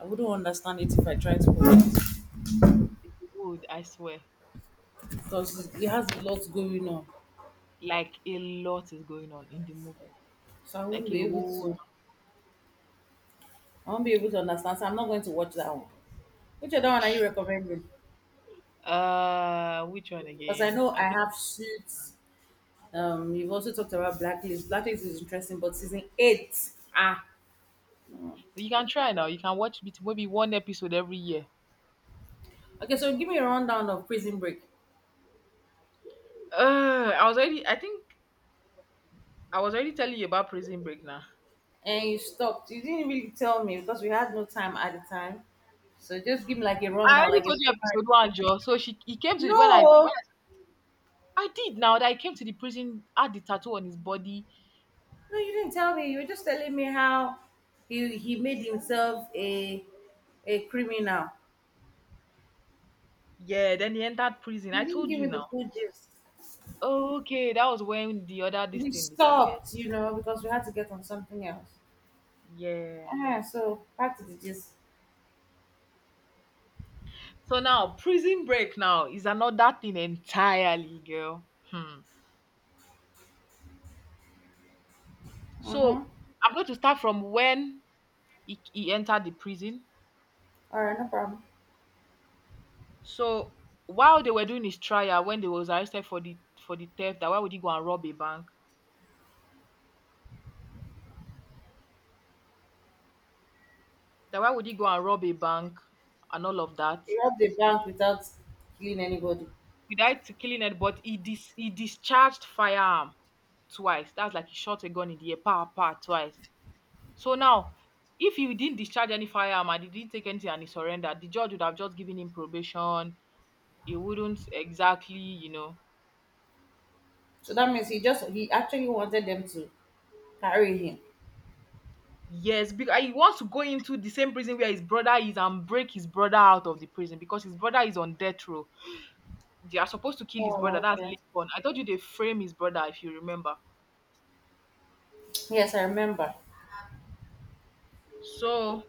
S2: I wouldn't understand it if I tried to
S1: movie? Good, I swear.
S2: because it has a lot going on.
S1: Like a lot is going on in the movie.
S2: So I
S1: Like
S2: won't
S1: a
S2: be able
S1: whole
S2: to. I won't be able to understand. So I'm not going to watch that one. Which other one are you recommending?
S1: lot. Uh which one
S2: Because I
S1: again?
S2: know I
S1: I think
S2: have suits. Um, you've also talked about Blacklist. Blacklist is interesting, but season eight. Ah,
S1: you can try now. You can watch bit- maybe one episode every year.
S2: okay. So give me a rundown of Prison Break.
S1: Uh I was already I think I was already telling you about prison break now.
S2: And you stopped. You didn't really tell me because we had no time at the time. So just give me like a
S1: I
S2: rundown,
S1: already
S2: like a
S1: told you
S2: summary.
S1: episode one, Joe. So she he came to when I when
S2: No,
S1: I did now that I came to the prison, had the tattoo on his body.
S2: no, you didn't tell me. You were just telling me how he he made himself a a criminal.
S1: Yeah, then he entered prison.
S2: You
S1: I
S2: didn't
S1: told
S2: give me
S1: you
S2: the
S1: now.
S2: full gist.
S1: Okay, that was when the other this
S2: We
S1: thing disappeared.
S2: stopped, you know, because we had to get on something else.
S1: Yeah.
S2: Ah, so back to the gist.
S1: So now prison break now is another thing entirely, girl. Hmm.
S2: Mm-hmm.
S1: So I'm going to start from when he, he entered the prison.
S2: All right, no problem.
S1: So while they were doing his trial, when they was arrested for the for the theft, that why would he go and rob a bank? Then why would he go and rob a bank and all of that?
S2: He robbed the bank without killing anybody.
S1: Without killing it, but he dis- he discharged firearm twice. That's like he shot a gun in the air, power, power, twice. So now, if he didn't discharge any firearm and he didn't take anything and he surrendered, the judge would have just given him probation. He wouldn't exactly, you know.
S2: So that means he just he actually wanted them to carry him.
S1: Yes, because he wants to go into the same prison where his brother is and break his brother out of the prison because his brother is on death row. They are supposed to kill his
S2: Oh,
S1: brother. That's
S2: okay.
S1: late on. I told you they frame his brother, if you remember.
S2: Yes, I remember.
S1: So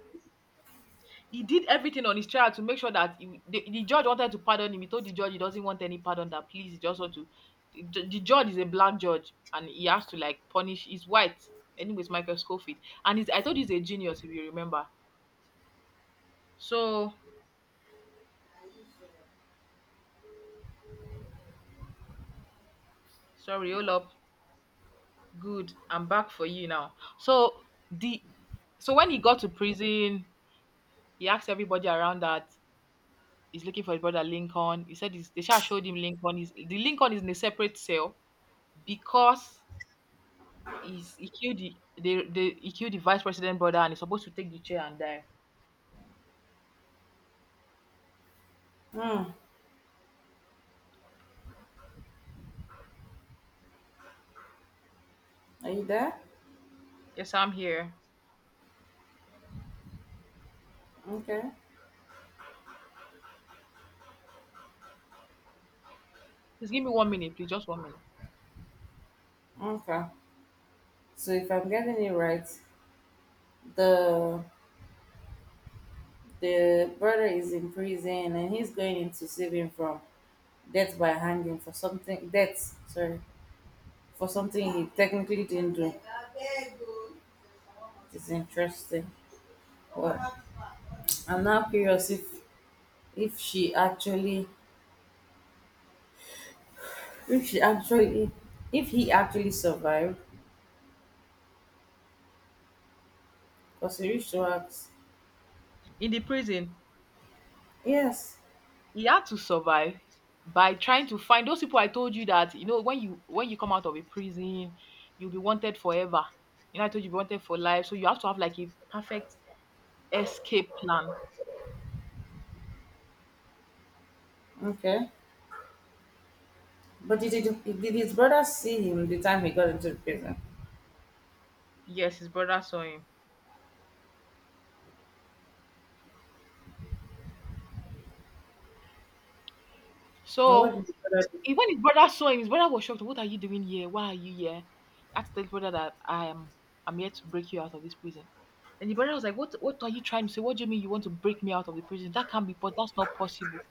S1: he did everything on his trial to make sure that he, the, the judge wanted to pardon him. He told the judge he doesn't want any pardon. That please, he just want to. The, ju- the judge is a black judge, and he has to like punish. He's white, anyways. Michael Scofield, and he's, I told you he's a genius if you remember. So sorry, all up. Good, I'm back for you now. So the so when he got to prison, he asked everybody around that he's looking for his brother Lincoln. He said he's, they should showed him Lincoln. He's, the Lincoln is in a separate cell because he's he killed the the the he killed the vice president brother and he's supposed to take the chair and die.
S2: Hmm. Are you there?
S1: Yes, I'm here.
S2: Okay.
S1: Please give me one minute, please, just one minute.
S2: Okay. So if I'm getting it right, the the brother is in prison and he's going into saving from death by hanging for something death, sorry, for something he technically didn't do. It's interesting. Well, I'm now curious if if she actually if she actually if he actually survived because he reached to ask.
S1: In the prison,
S2: Yes.
S1: he had to survive by trying to find those people I told you that you know when you when you come out of a prison, you'll be wanted forever. You know, I told you you'll be wanted for life. So you have to have like a perfect escape plan.
S2: Okay. But did, did, did his brother see him the time he got into the prison?
S1: Yes, his brother saw him.
S2: And what
S1: So
S2: did his brother do?
S1: He when his brother saw him, his brother was shocked. What are you doing here? Why are you here? I had to tell his brother that I am I'm here to break you out of this prison. And the brother was like, what what are you trying to say? What do you mean you want to break me out of the prison? That can't be but that's not possible.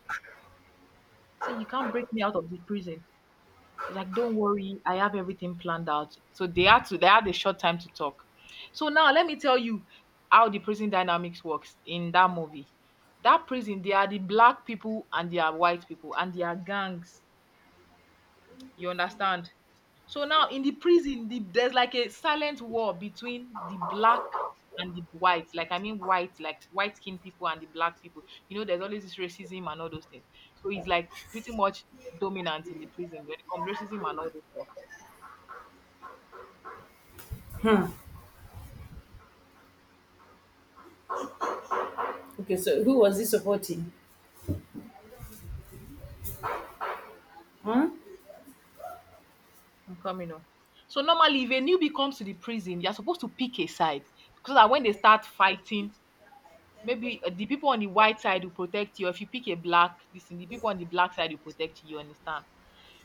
S1: So you can't break me out of the prison. I was like, "Don't worry, I have everything planned out." So they had to they had a short time to talk. So now let me tell you how the prison dynamics works in that movie. That prison, they are the black people and they are white people and they are gangs. You understand? So now in the prison, the, there's like a silent war between the black and the white. Like I mean white, like white skinned people and the black people. You know, there's always this racism and all those things. So it's like pretty much dominant in the prison when it comes to racism and all those stuff.
S2: Hmm. Okay, so who was he supporting? Hmm?
S1: I'm coming on. So normally if a newbie comes to the prison, you're supposed to pick a side. Because that when they start fighting, maybe uh, the people on the white side will protect you. If you pick a black, this thing, the people on the black side will protect you, you understand?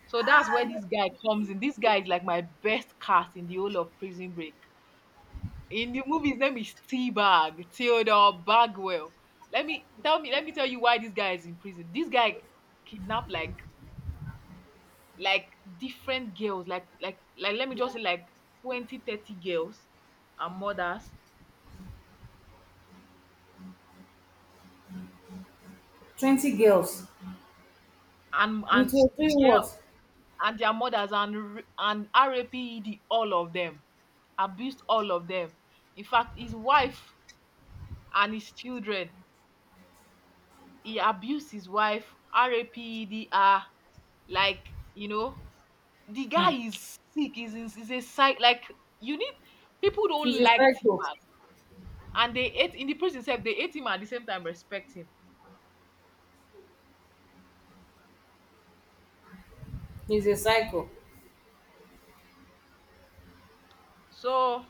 S1: So that's where this guy comes in. This guy is like my best cast in the whole of Prison Break. In the movie, his name is T-Bag, Theodore Bagwell. Let me tell me, let me tell you why this guy is in prison. This guy kidnapped like like different girls, like like like let me just say like twenty, thirty girls and mothers
S2: twenty girls.
S1: and and
S2: Which was doing
S1: girl
S2: what?
S1: and their mothers and r- and RAPED all of them, abused all of them. In fact, his wife and his children, he abused his wife, rapedr, like, you know, the guy
S2: Hmm.
S1: is sick, is is is a psych, like you need, people
S2: He's
S1: don't
S2: a
S1: like
S2: psycho.
S1: T-Bag, and they hate, in the prison itself they hate him and at the same time respect him.
S2: He's a psycho.
S1: So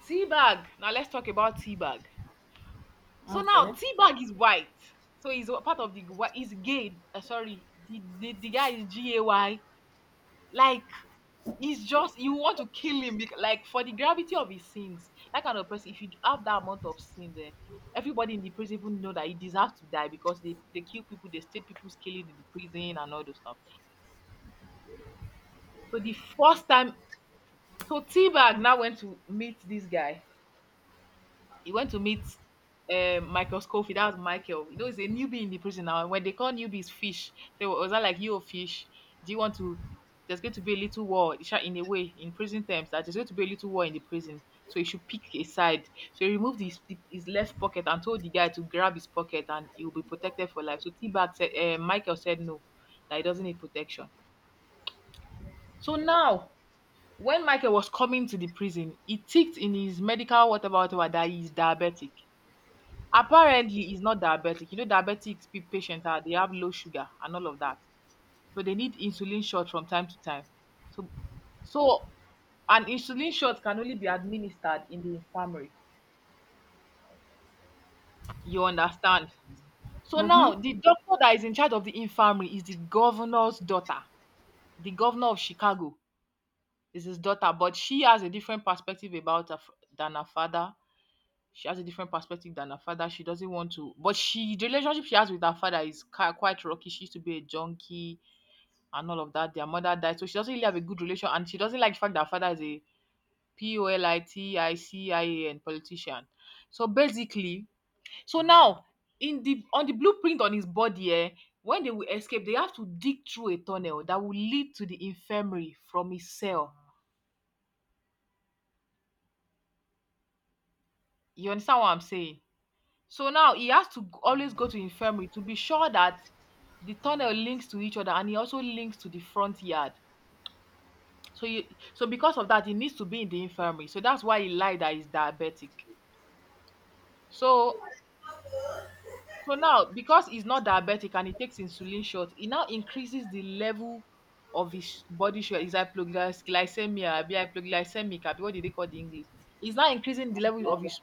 S1: T-Bag, now let's talk about T-Bag. So now
S2: Okay.
S1: T-Bag is white, so he's a part of the whi- he's gay. Uh, sorry, the, the the guy is G A Y, like. It's just you want to kill him, bec- like for the gravity of his sins. That kind of person, if you have that amount of sins, eh, everybody in the prison even know that he deserves to die because they they kill people, they state people's killing in the prison and all those stuff. So the first time, so T-Bag now went to meet this guy. He went to meet um, Michael Scofield. That was Michael. You know, he's a newbie in the prison now. When they call newbies fish, they were- was that like you a fish? Do you want to? There's going to be a little war in sha- in a way, in prison terms, that there's going to be a little war in the prison. So he should pick a side. So he removed his his left pocket and told the guy to grab his pocket and he will be protected for life. So T Bag said, uh, Michael said no, that he doesn't need protection. So now, when Michael was coming to the prison, he ticked in his medical whatever whatever that he's diabetic. Apparently he's not diabetic. You know, diabetic pe- patients are, they have low sugar and all of that, so they need insulin shot from time to time. So, so an insulin shot can only be administered in the infirmary, you understand. So
S2: Mm-hmm.
S1: now the doctor that is in charge of the infirmary is the governor's daughter. The governor of Chicago, is his daughter, but she has a different perspective about her f- than her father. She has a different perspective than her father. She doesn't want to, but she, the relationship she has with her father is ki- quite rocky. She used to be a junkie and all of that. Their mother died, so she doesn't really have a good relation, and she doesn't like the fact that her father is a P O L I T I C I A N, politician. So basically, so now in the, on the blueprint on his body, eh, when they will escape, they have to dig through a tunnel that will lead to the infirmary from his cell. You understand what I'm saying? So now he has to g- always go to infirmary to be sure that the tunnel links to each other and he also links to the front yard. So he, so because of that, he needs to be in the infirmary. So that's why he lied that he's diabetic. So, so now because he's not diabetic and he takes insulin shot, he now increases the level of his body sugar. Is hypoglycemia, be hypoglycemic, abi what did they call the English? He's now increasing the level of his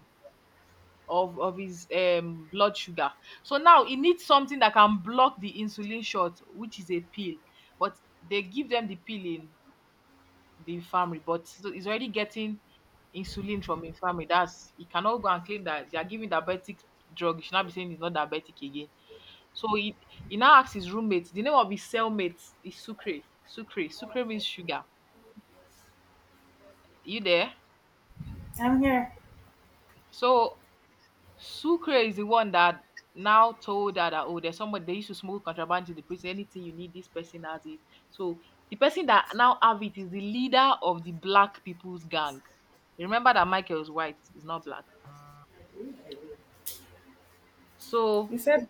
S1: of of his um blood sugar. So now he needs something that can block the insulin shot, which is a pill, but they give them the pill in the infirmary, but so he's already getting insulin from infirmary, that's he cannot go and claim that they are giving diabetic drug, he should not be saying he's not diabetic again. So he he now asks his roommate, the name of his cellmate is Sucre. Sucre. Sucre means sugar. You there?
S2: I'm here.
S1: So Sucre is the one that now told her that, oh, there's somebody they used to smuggle contraband to the prison. Anything you need, this person has it. So the person that now have it is the leader of the black people's gang. Remember that Michael is white, he's not black. So
S2: You said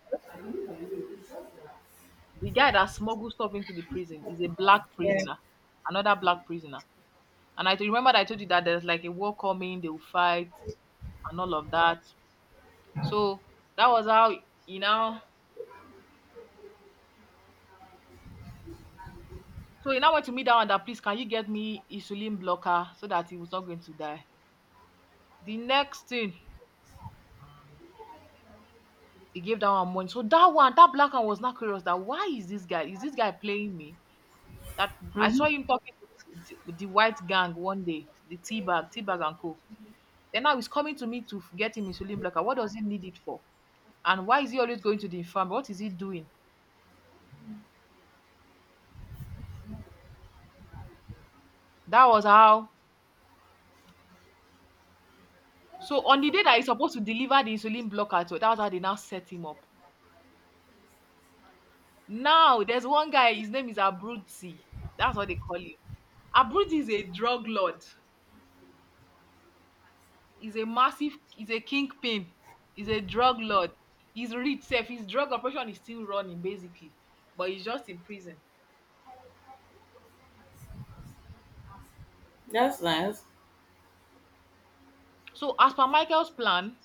S1: the guy that smuggled stuff into the prison is a black
S2: yeah.
S1: prisoner, another black prisoner. And I remember that I told you that there's like a war coming, they will fight and all of that. So that was how, you know, so he now went to me down and that please can you get me insulin blocker so that he was not going to die. The next thing he gave that one money. So that one, that black one was not curious that why is this guy? Is this guy playing me? That I
S2: Hmm.
S1: saw him talking to the, the white gang one day, the tea bag, tea bag and co. Then now he's coming to me to f- get him insulin blocker. What does he need it for? And why is he always going to the infirmary? What is he doing? That was how. So on the day that he's supposed to deliver the insulin blocker, so that was how they now set him up. Now there's one guy, his name is Abruti. That's what they call him. Abruti is a drug lord. He's a massive, he's a kingpin. He's a drug lord. He's rich safe. His drug operation is still running, basically. But he's just in prison.
S2: That's nice.
S1: So as per Michael's plan,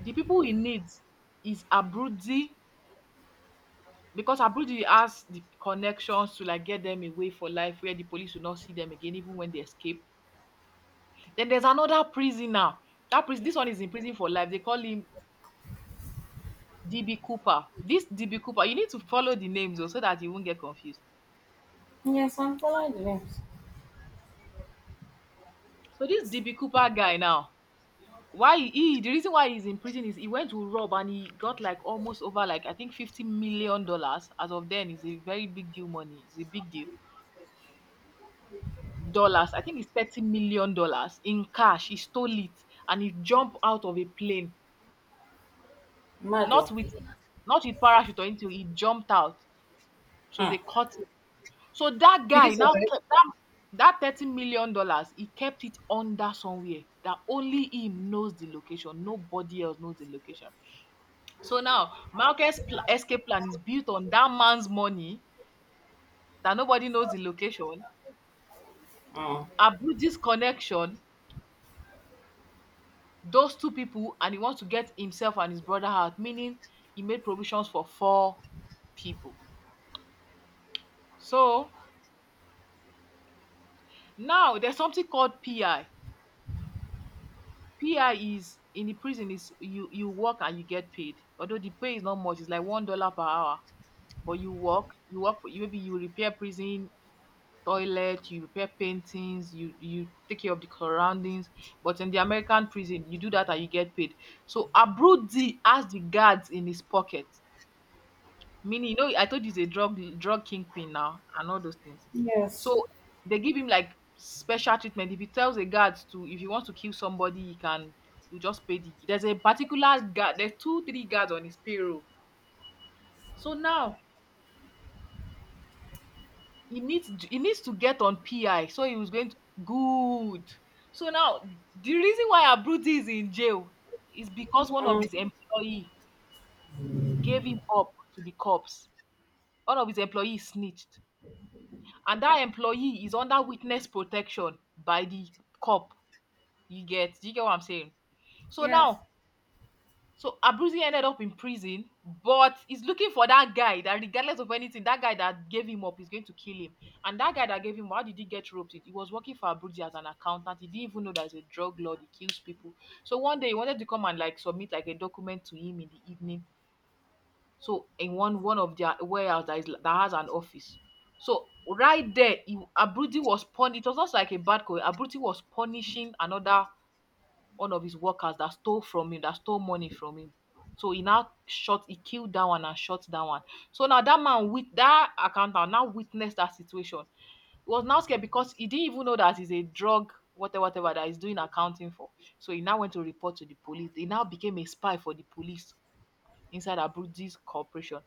S1: the people he needs is Abruti, because Abruti has the connections to like get them away for life where the police will not see them again, even when they escape. Then there's another prisoner. That prison, this one is in prison for life. They call him D B Cooper. This D B Cooper, you need to follow the names though, so that you won't get confused.
S2: Yes, I'm following the names.
S1: So this D B Cooper guy now, why he he- the reason why he's in prison is he went to rob and he got like almost over like I think fifty million dollars. As of then, it's a very big deal money. It's a big deal. Dollars. I think it's thirty million dollars in cash. He stole it and he jumped out of a plane. Not
S2: Mado.
S1: with, not with parachute or anything. He jumped out. So
S2: Hmm.
S1: they caught, so that
S2: Did he
S1: guy now
S2: survive?
S1: kept that that thirty million dollars, dollars. He kept it under somewhere that only him knows the location. Nobody else knows the location. So now Marcus' pl- escape plan is built on that man's money that nobody knows the location.
S2: Oh.
S1: I built this connection, those two people, and he wants to get himself and his brother out, meaning he made provisions for four people. So now there's something called P I. P I is in the prison is you you work and you get paid. Although the pay is not much, it's like one dollar per hour. But you work, you work for you, maybe you repair prison toilet, you repair paintings, you you take care of the surroundings. But in the American prison, you do that and you get paid. So Abrudi has the guards in his pocket. Meaning, you know, I told you he's a drug drug kingpin now and all those things.
S2: Yes.
S1: So they give him like special treatment. If he tells a guard to, if he wants to kill somebody, he can. You just pay the. There's a particular guard. There's two, three guards on his payroll. So now he needs he needs to get on P I. So he was going to good. So now the reason why Abruti is in jail is because one of
S2: Um,
S1: his employee gave him up to the cops. One of his employees snitched, and that employee is under witness protection by the cop. You get Do you get what I'm saying? so
S2: yes.
S1: now so Abruzzi ended up in prison, but he's looking for that guy. That regardless of anything, that guy that gave him up is going to kill him. And that guy that gave him up, how did he get roped in? He was working for Abruzzi as an accountant. He didn't even know that he's a drug lord, he kills people. So one day he wanted to come and like submit like a document to him in the evening. So in one one of their warehouse that is that has an office. So right there, he, Abruzzi was pun. It was not like a bad call. Abruzzi was punishing another one of his workers that stole from him, that stole money from him. So he now shot, he killed that one and shot that one. So now that man with that accountant now witnessed that situation. He was now scared because he didn't even know that he's a drug, whatever, whatever that he's doing accounting for. So he now went to report to the police. He now became a spy for the police inside Abruzzi's corporation.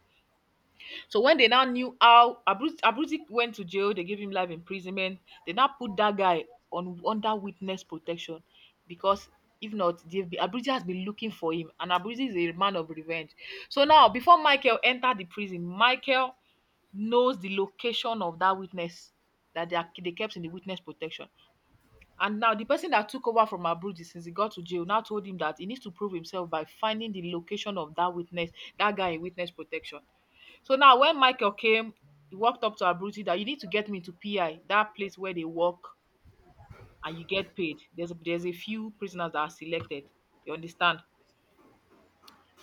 S1: So when they now knew how Abruz Abruzzi went to jail, they gave him life imprisonment. They now put that guy on under witness protection, because if not, they've been, Abruzzi has been looking for him, and Abruzzi is a man of revenge. So now, before Michael entered the prison, Michael knows the location of that witness that they, are, they kept in the witness protection. And now the person that took over from Abruzzi since he got to jail now told him that he needs to prove himself by finding the location of that witness, that guy in witness protection. So now when Michael came, he walked up to Abruti that you need to get me to P I, that place where they work and you get paid. There's there's a few prisoners that are selected. You understand?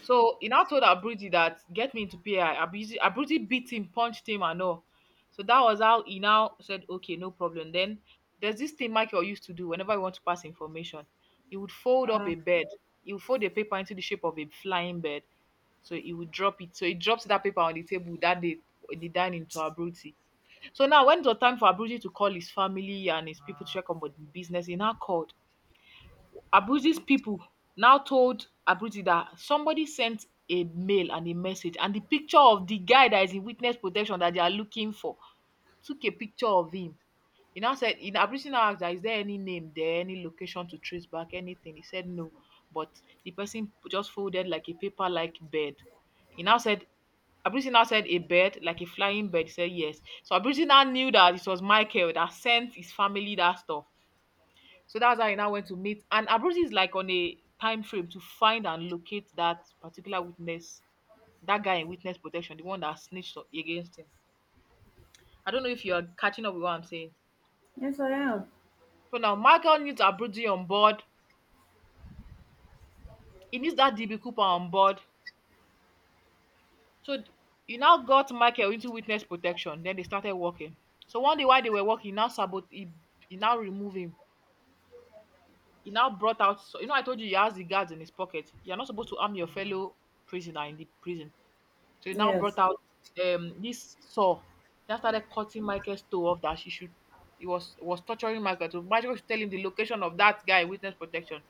S1: So he now told Abruti that get me into P I. Abruti, Abruti beat him, punched him, and all. So that was how he now said, okay, no problem. Then there's this thing Michael used to do whenever he want to pass information. He would fold up a
S2: Um,
S1: bed. He would fold the paper into the shape of a flying bird. So he would drop it. So he dropped that paper on the table that day in the dining to Abruti. So now when it was time for Abuji to call his family and his people to check on the business, he now called. Abuji's people now told Abuji that somebody sent a mail and a message and the picture of the guy that is in witness protection that they are looking for, took a picture of him. He now said, he now Bisi now asked, that is there any name there, any location to trace back, anything? He said no. But the person just folded like a paper like bird. He now said, Abisi now said, a bird, like a flying bird. He said yes. So Abisi now knew that it was Michael that sent his family that stuff. So that's how he now went to meet. And Abisi is like on a time frame to find and locate that particular witness, that guy in witness protection, the one that snitched o- against him. I don't know if you're catching up with what I'm saying.
S2: yes, I am.
S1: So now Michael needs Abruzi on board. He needs that D B Cooper on board. So he now got Michael into witness protection. Then they started working. So one day while they were working, he now sabot he, he now removed him. He now brought out, so you know I told you he has the guards in his pocket. You're not supposed to harm your fellow prisoner in the prison. So he now
S2: Yes.
S1: brought out um this saw. That started cutting Michael's toe off, that she should he was was torturing Michael to Michael should tell him the location of that guy in witness protection.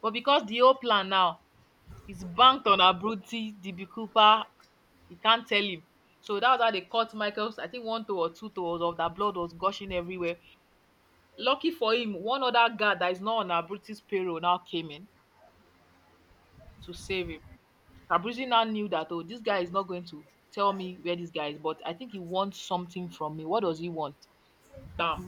S1: But because the whole plan now is banked on Abruti, D B Cooper, he can't tell him. So that was how they cut Michael's, I think one toe or two toes of that, blood was gushing everywhere. Lucky for him, one other guard that is not on Abruzzi's payroll now came in to save him. Abruzzi now knew that, oh, this guy is not going to tell me where this guy is, but I think he wants something from me. What does he want? Bam.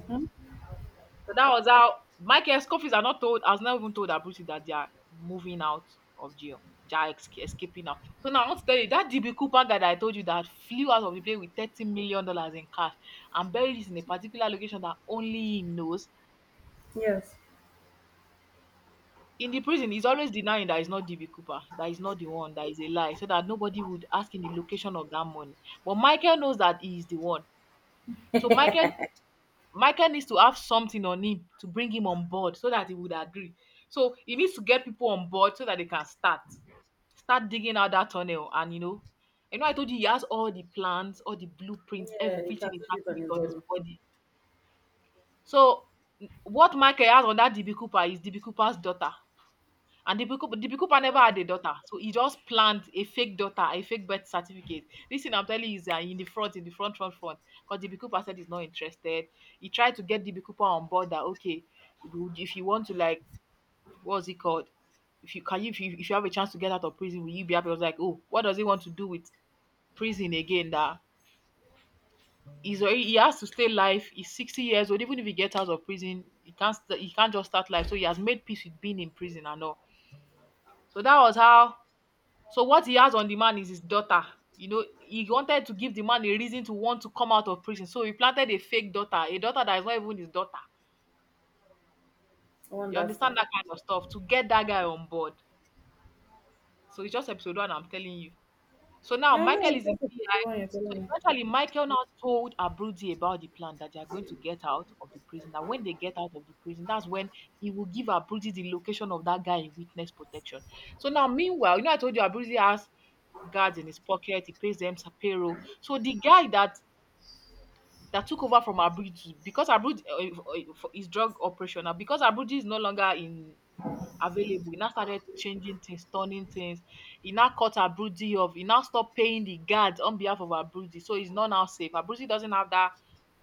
S1: So that was how Michael Scofield are not told, I was not even told that Bruce Lee that they are moving out of jail. They are esca- escaping now. So now I want to tell you that D B Cooper guy that I told you that flew out of the plane with thirty million dollars in cash and buried it in a particular location that only him knows.
S2: Yes.
S1: In the prison, he's always denying that it's not D B Cooper, that is not the one, that is a lie, so that nobody would ask him the location of that money. But Michael knows that he is the one. So Michael Michael needs to have something on him to bring him on board so that he would agree. So he needs to get people on board so that they can start, start digging out that tunnel. And you know, you know, I told you he has all the plans, all the blueprints,
S2: Yeah, you
S1: everything is
S2: tattooed it
S1: tattooed
S2: on
S1: it
S2: his
S1: on his
S2: body.
S1: body. So n- what Michael has on that D B Cooper is D B Cooper's daughter. And the Bikupa, the Bikupa never had a daughter. So he just planned a fake daughter, a fake birth certificate. This thing I'm telling you is uh, in the front, in the front, front, front. Because the Bikupa said he's not interested. He tried to get the Bikupa on board that, okay, if you if you want to, like, what's it called? If you can you if, you if you have a chance to get out of prison, will you be happy? I was like, oh, what does he want to do with prison again? That he's already, he has to stay life. He's sixty years old. Even if he gets out of prison, he can't st- he can't just start life. So he has made peace with being in prison and all. So that was how, so what he has on the man is his daughter. You know, he wanted to give the man a reason to want to come out of prison. So he planted a fake daughter, a daughter that is not even his daughter. You
S2: Wonderful.
S1: understand that kind of stuff to get that guy on board. So it's just episode one, I'm telling you. So now
S2: I know
S1: Michael
S2: it's
S1: is in
S2: just a pretty
S1: P I.
S2: one you're
S1: So
S2: telling me.
S1: eventually, Michael now told Abruzzi about the plan that they are going to get out of the prison. That when they get out of the prison, that's when he will give Abruzzi the location of that guy in witness protection. So now, meanwhile, you know, I told you Abruzzi has guards in his pocket. He pays them sa- payroll. So the guy that that took over from Abuji, because Abuji uh, uh, for his drug operation now, because Abuji is no longer in available. He now started changing things, turning things. He now cut Abuji off. He now stopped paying the guards on behalf of Abuji. So he's not now safe. Abuji doesn't have that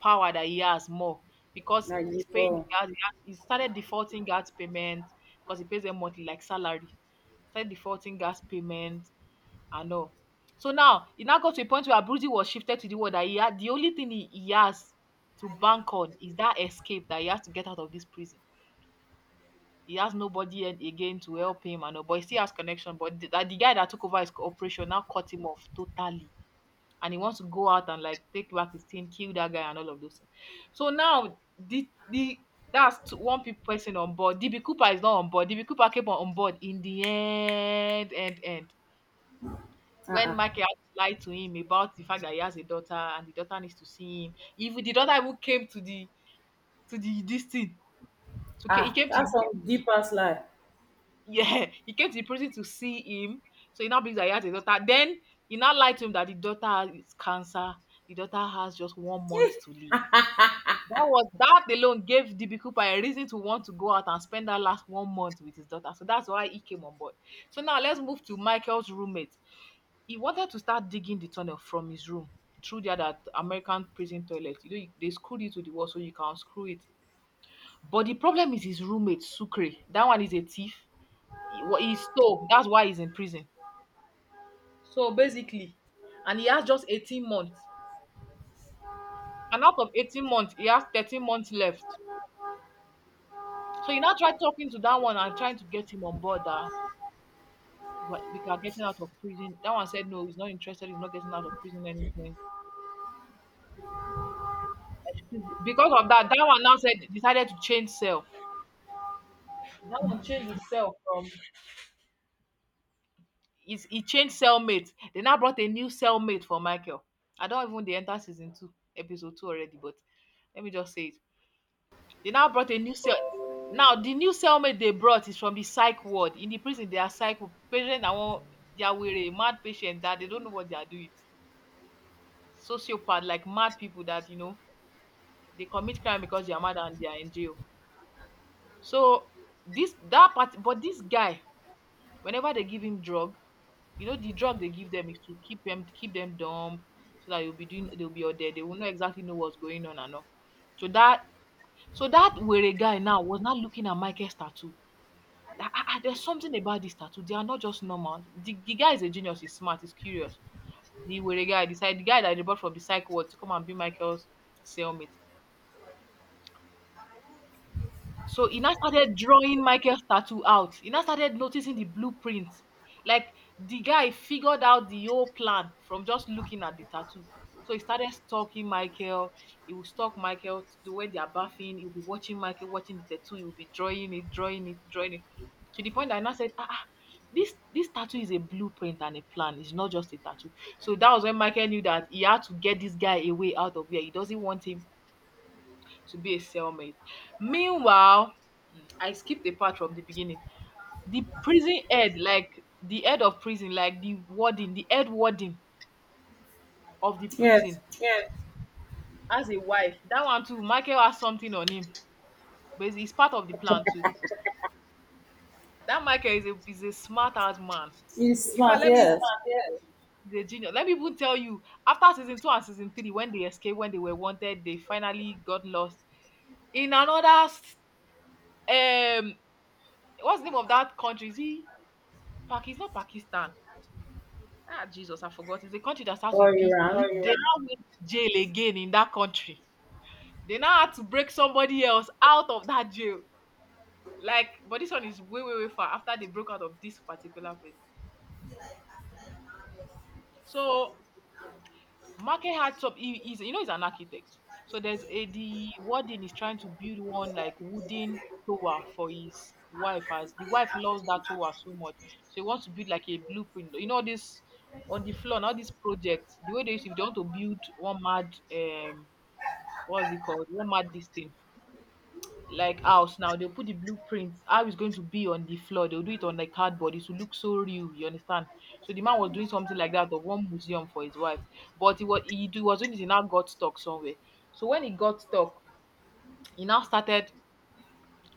S1: power that he has more because
S2: Like
S1: he's paying the
S2: before.
S1: guards. He, has, he started defaulting guards payment because he pays them monthly like salary. Started defaulting gas payment. I know. So now it now got to a point where Abruzzi was shifted to the world that he had, the only thing he, he has to bank on is that escape, that he has to get out of this prison. He has nobody and again to help him and all, but he still has connection. But the, that the guy that took over his operation now cut him off totally. And he wants to go out and like take back his team, kill that guy and all of those things. So now the the that's t- one pe- person on board. D B Cooper is not on board. D B Cooper came on on board in the end, end, end, when
S2: Uh-uh.
S1: Michael had to lie to him about the fact that he has a daughter and the daughter needs to see him. Even the daughter even came to the to the this thing. So ca- he
S2: Ah,
S1: came to
S2: that's
S1: the
S2: some deep ass lie.
S1: yeah, he came to the prison to see him. So he now believes that he has a daughter. Then he now lied to him that the daughter has cancer. The daughter has just one
S2: Eh,
S1: month to live. That was that alone gave D B Cooper a reason to want to go out and spend that last one month with his daughter. So that's why he came on board. So now let's move to Michael's roommate. He wanted to start digging the tunnel from his room through the other American prison toilet. You know, you- they screwed it to the wall so you can unscrew it. But the problem is his roommate, Sucre. That one is a thief. He, wa- he stole. That's why he's in prison. So basically, and he has just eighteen months. And out of eighteen months, he has thirteen months left. So you now try talking to that one and trying to get him on board that what- we are getting out of prison. That one said no, he's not interested, he's not getting out of prison anything. Because of that, that one now said decided to change cell. That one changed his cell from he's, he changed cellmate. They now brought a new cellmate for Michael. I don't even they enter season two, episode two already, but let me just say it. They now brought a new cell. Now the new cellmate they brought is from the psych ward. In the prison, they are psych patient that want they are with a mad patient that they don't know what they are doing. Sociopath, like mad people that you know they commit crime because they are mad and they are in jail. So this that part, but this guy, whenever they give him drug, you know the drug they give them is to keep them keep them dumb so that you'll be doing they'll be all there they will not exactly know what's going on and all so that so that were guy now was not looking at Michael's tattoo that ah, ah, there's something about this tattoo they are not just normal the, the guy is a genius, he's smart, he's curious, the were guy the, side- the guy that they brought from the psych ward to come and be Michael's cellmate. So he now started drawing Michael's tattoo out. He now started noticing the blueprints. Like, the guy figured out the whole plan from just looking at the tattoo. So he started stalking Michael. He would stalk Michael to the way they are bathing. He would be watching Michael, watching the tattoo. He would be drawing it, drawing it, drawing it. To the point that I now said, ah, ah, this this tattoo is a blueprint and a plan. It's not just a tattoo. So that was when Michael knew that he had to get this guy away out of here. He doesn't want him to be a cellmate. Meanwhile, mm, I skipped the part from the beginning. The prison head, like the head of prison, like the warden, the head warden of the
S2: yes.
S1: prison. Yes. Has a wife. That one too, Michael has something on him, but it's part of the plan too. That Michael is a is a smart ass man.
S2: He's
S1: If I
S2: smart,
S1: let me even-
S2: yes.
S1: Yes. He's a genius. Let me even tell you, after season two and season three, when they escaped, when they were wanted, they finally got lost in another s- um what's the name of that country? Is he Pak? It's not Pakistan. Ah, Jesus, I forgot. It's a country that starts
S2: Or
S1: with P. Oh,
S2: Iran.
S1: they anyway, now went to jail again in that country. They now had to break somebody else out of that jail. Like, but this one is way, way, way far after they broke out of this particular prison. So, Market had some, he, he's, you know, he's an architect. So, there's a, the warden is trying to build one like wooden tower for his wife as the wife loves that tower so much. So, he wants to build like a blueprint. You know, this on the floor, now this project, the way they used to, if they want to build one mad um what's it called? What mad this thing? Like house now, they'll put the blueprint, how it's going to be on the floor. They'll do it on like cardboard. It will look so real. You understand? So the man was doing something like that of one museum for his wife, but he was he, do- was doing it. He now got stuck somewhere. So when he got stuck, he now started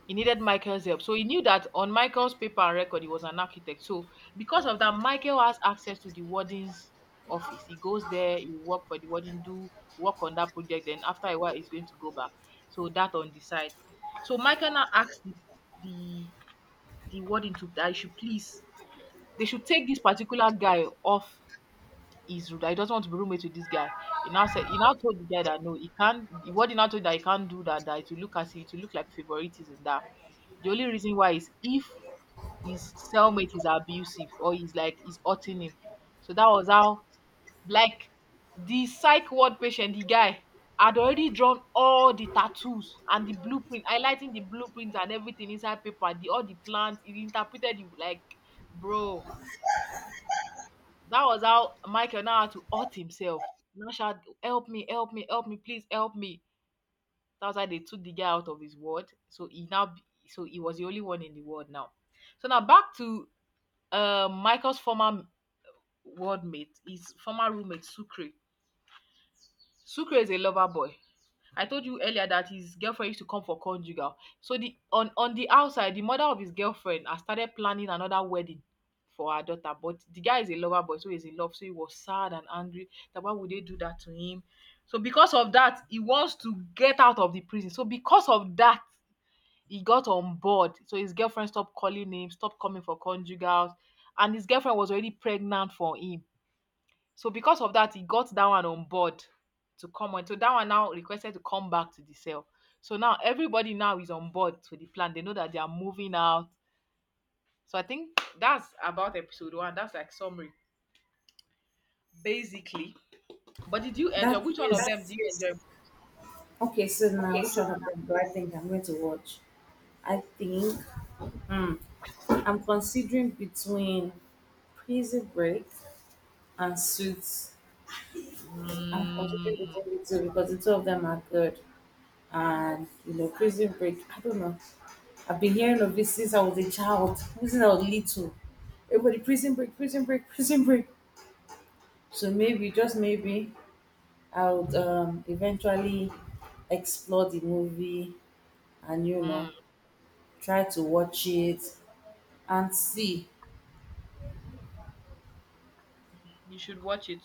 S1: he needed Michael's help. So he knew that on Michael's paper and record, he was an architect. So because of that, Michael has access to the warden's office. He goes there, he work for the warden, do work on that project. Then after a while, he's going to go back. So that on the side. So Michael now asked the the, the warden to that he should please they should take this particular guy off, he's rude. I don't want to be roommate with this guy. He now said he now told the guy that no, he can't. What he now told that he can't do that. That it will look as if it will look like favoritism. That the only reason why is if his cellmate is abusive or he's like he's hurting him. So that was how, like, the psych ward patient, the guy had already drawn all the tattoos and the blueprint, highlighting the blueprints and everything inside paper, the all the plans. He interpreted it like, bro, that was how Michael now had to hurt himself. Now shout, help me, help me, help me, please help me. That was how they took the guy out of his world. So he now, be- so he was the only one in the world now. So now back to uh, Michael's former ward mate, his former roommate Sucre. Sukre is a lover boy. I told you earlier that his girlfriend used to come for conjugal. So the on on the outside, the mother of his girlfriend has started planning another wedding for her daughter. But the guy is a lover boy, so he's in love. So he was sad and angry that why would they do that to him? So because of that, he wants to get out of the prison. So because of that, he got on board. So his girlfriend stopped calling him, stopped coming for conjugals, and his girlfriend was already pregnant for him, so because of that, he got that one on board to come on. So that one now requested to come back to the cell. So now everybody now is on board to the plan. They know that they are moving out. So I think that's about episode one. That's like summary, basically. But did you enjoy?
S2: That
S1: Which one of
S2: is
S1: them do you enjoy? That's
S2: okay. So now,
S1: okay.
S2: which
S1: So
S2: one of them do I think I'm going to watch? I think hmm, I'm considering between Prison Break and Suits. I'm considering between
S1: Mm,
S2: the two because the two of them are good. And you know, prison break, I don't know, I've been hearing of this since I was a child, since I was little, everybody prison break, prison break, prison break, so maybe just maybe I would, um, eventually explore the movie and you know,
S1: mm,
S2: try to watch it and see.
S1: you should watch it.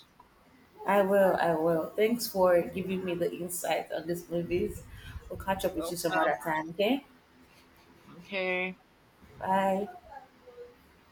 S2: I will, I will. Thanks for giving me the insight on these movies. We'll catch up with you some
S1: Welcome.
S2: other time, okay?
S1: Okay.
S2: Bye.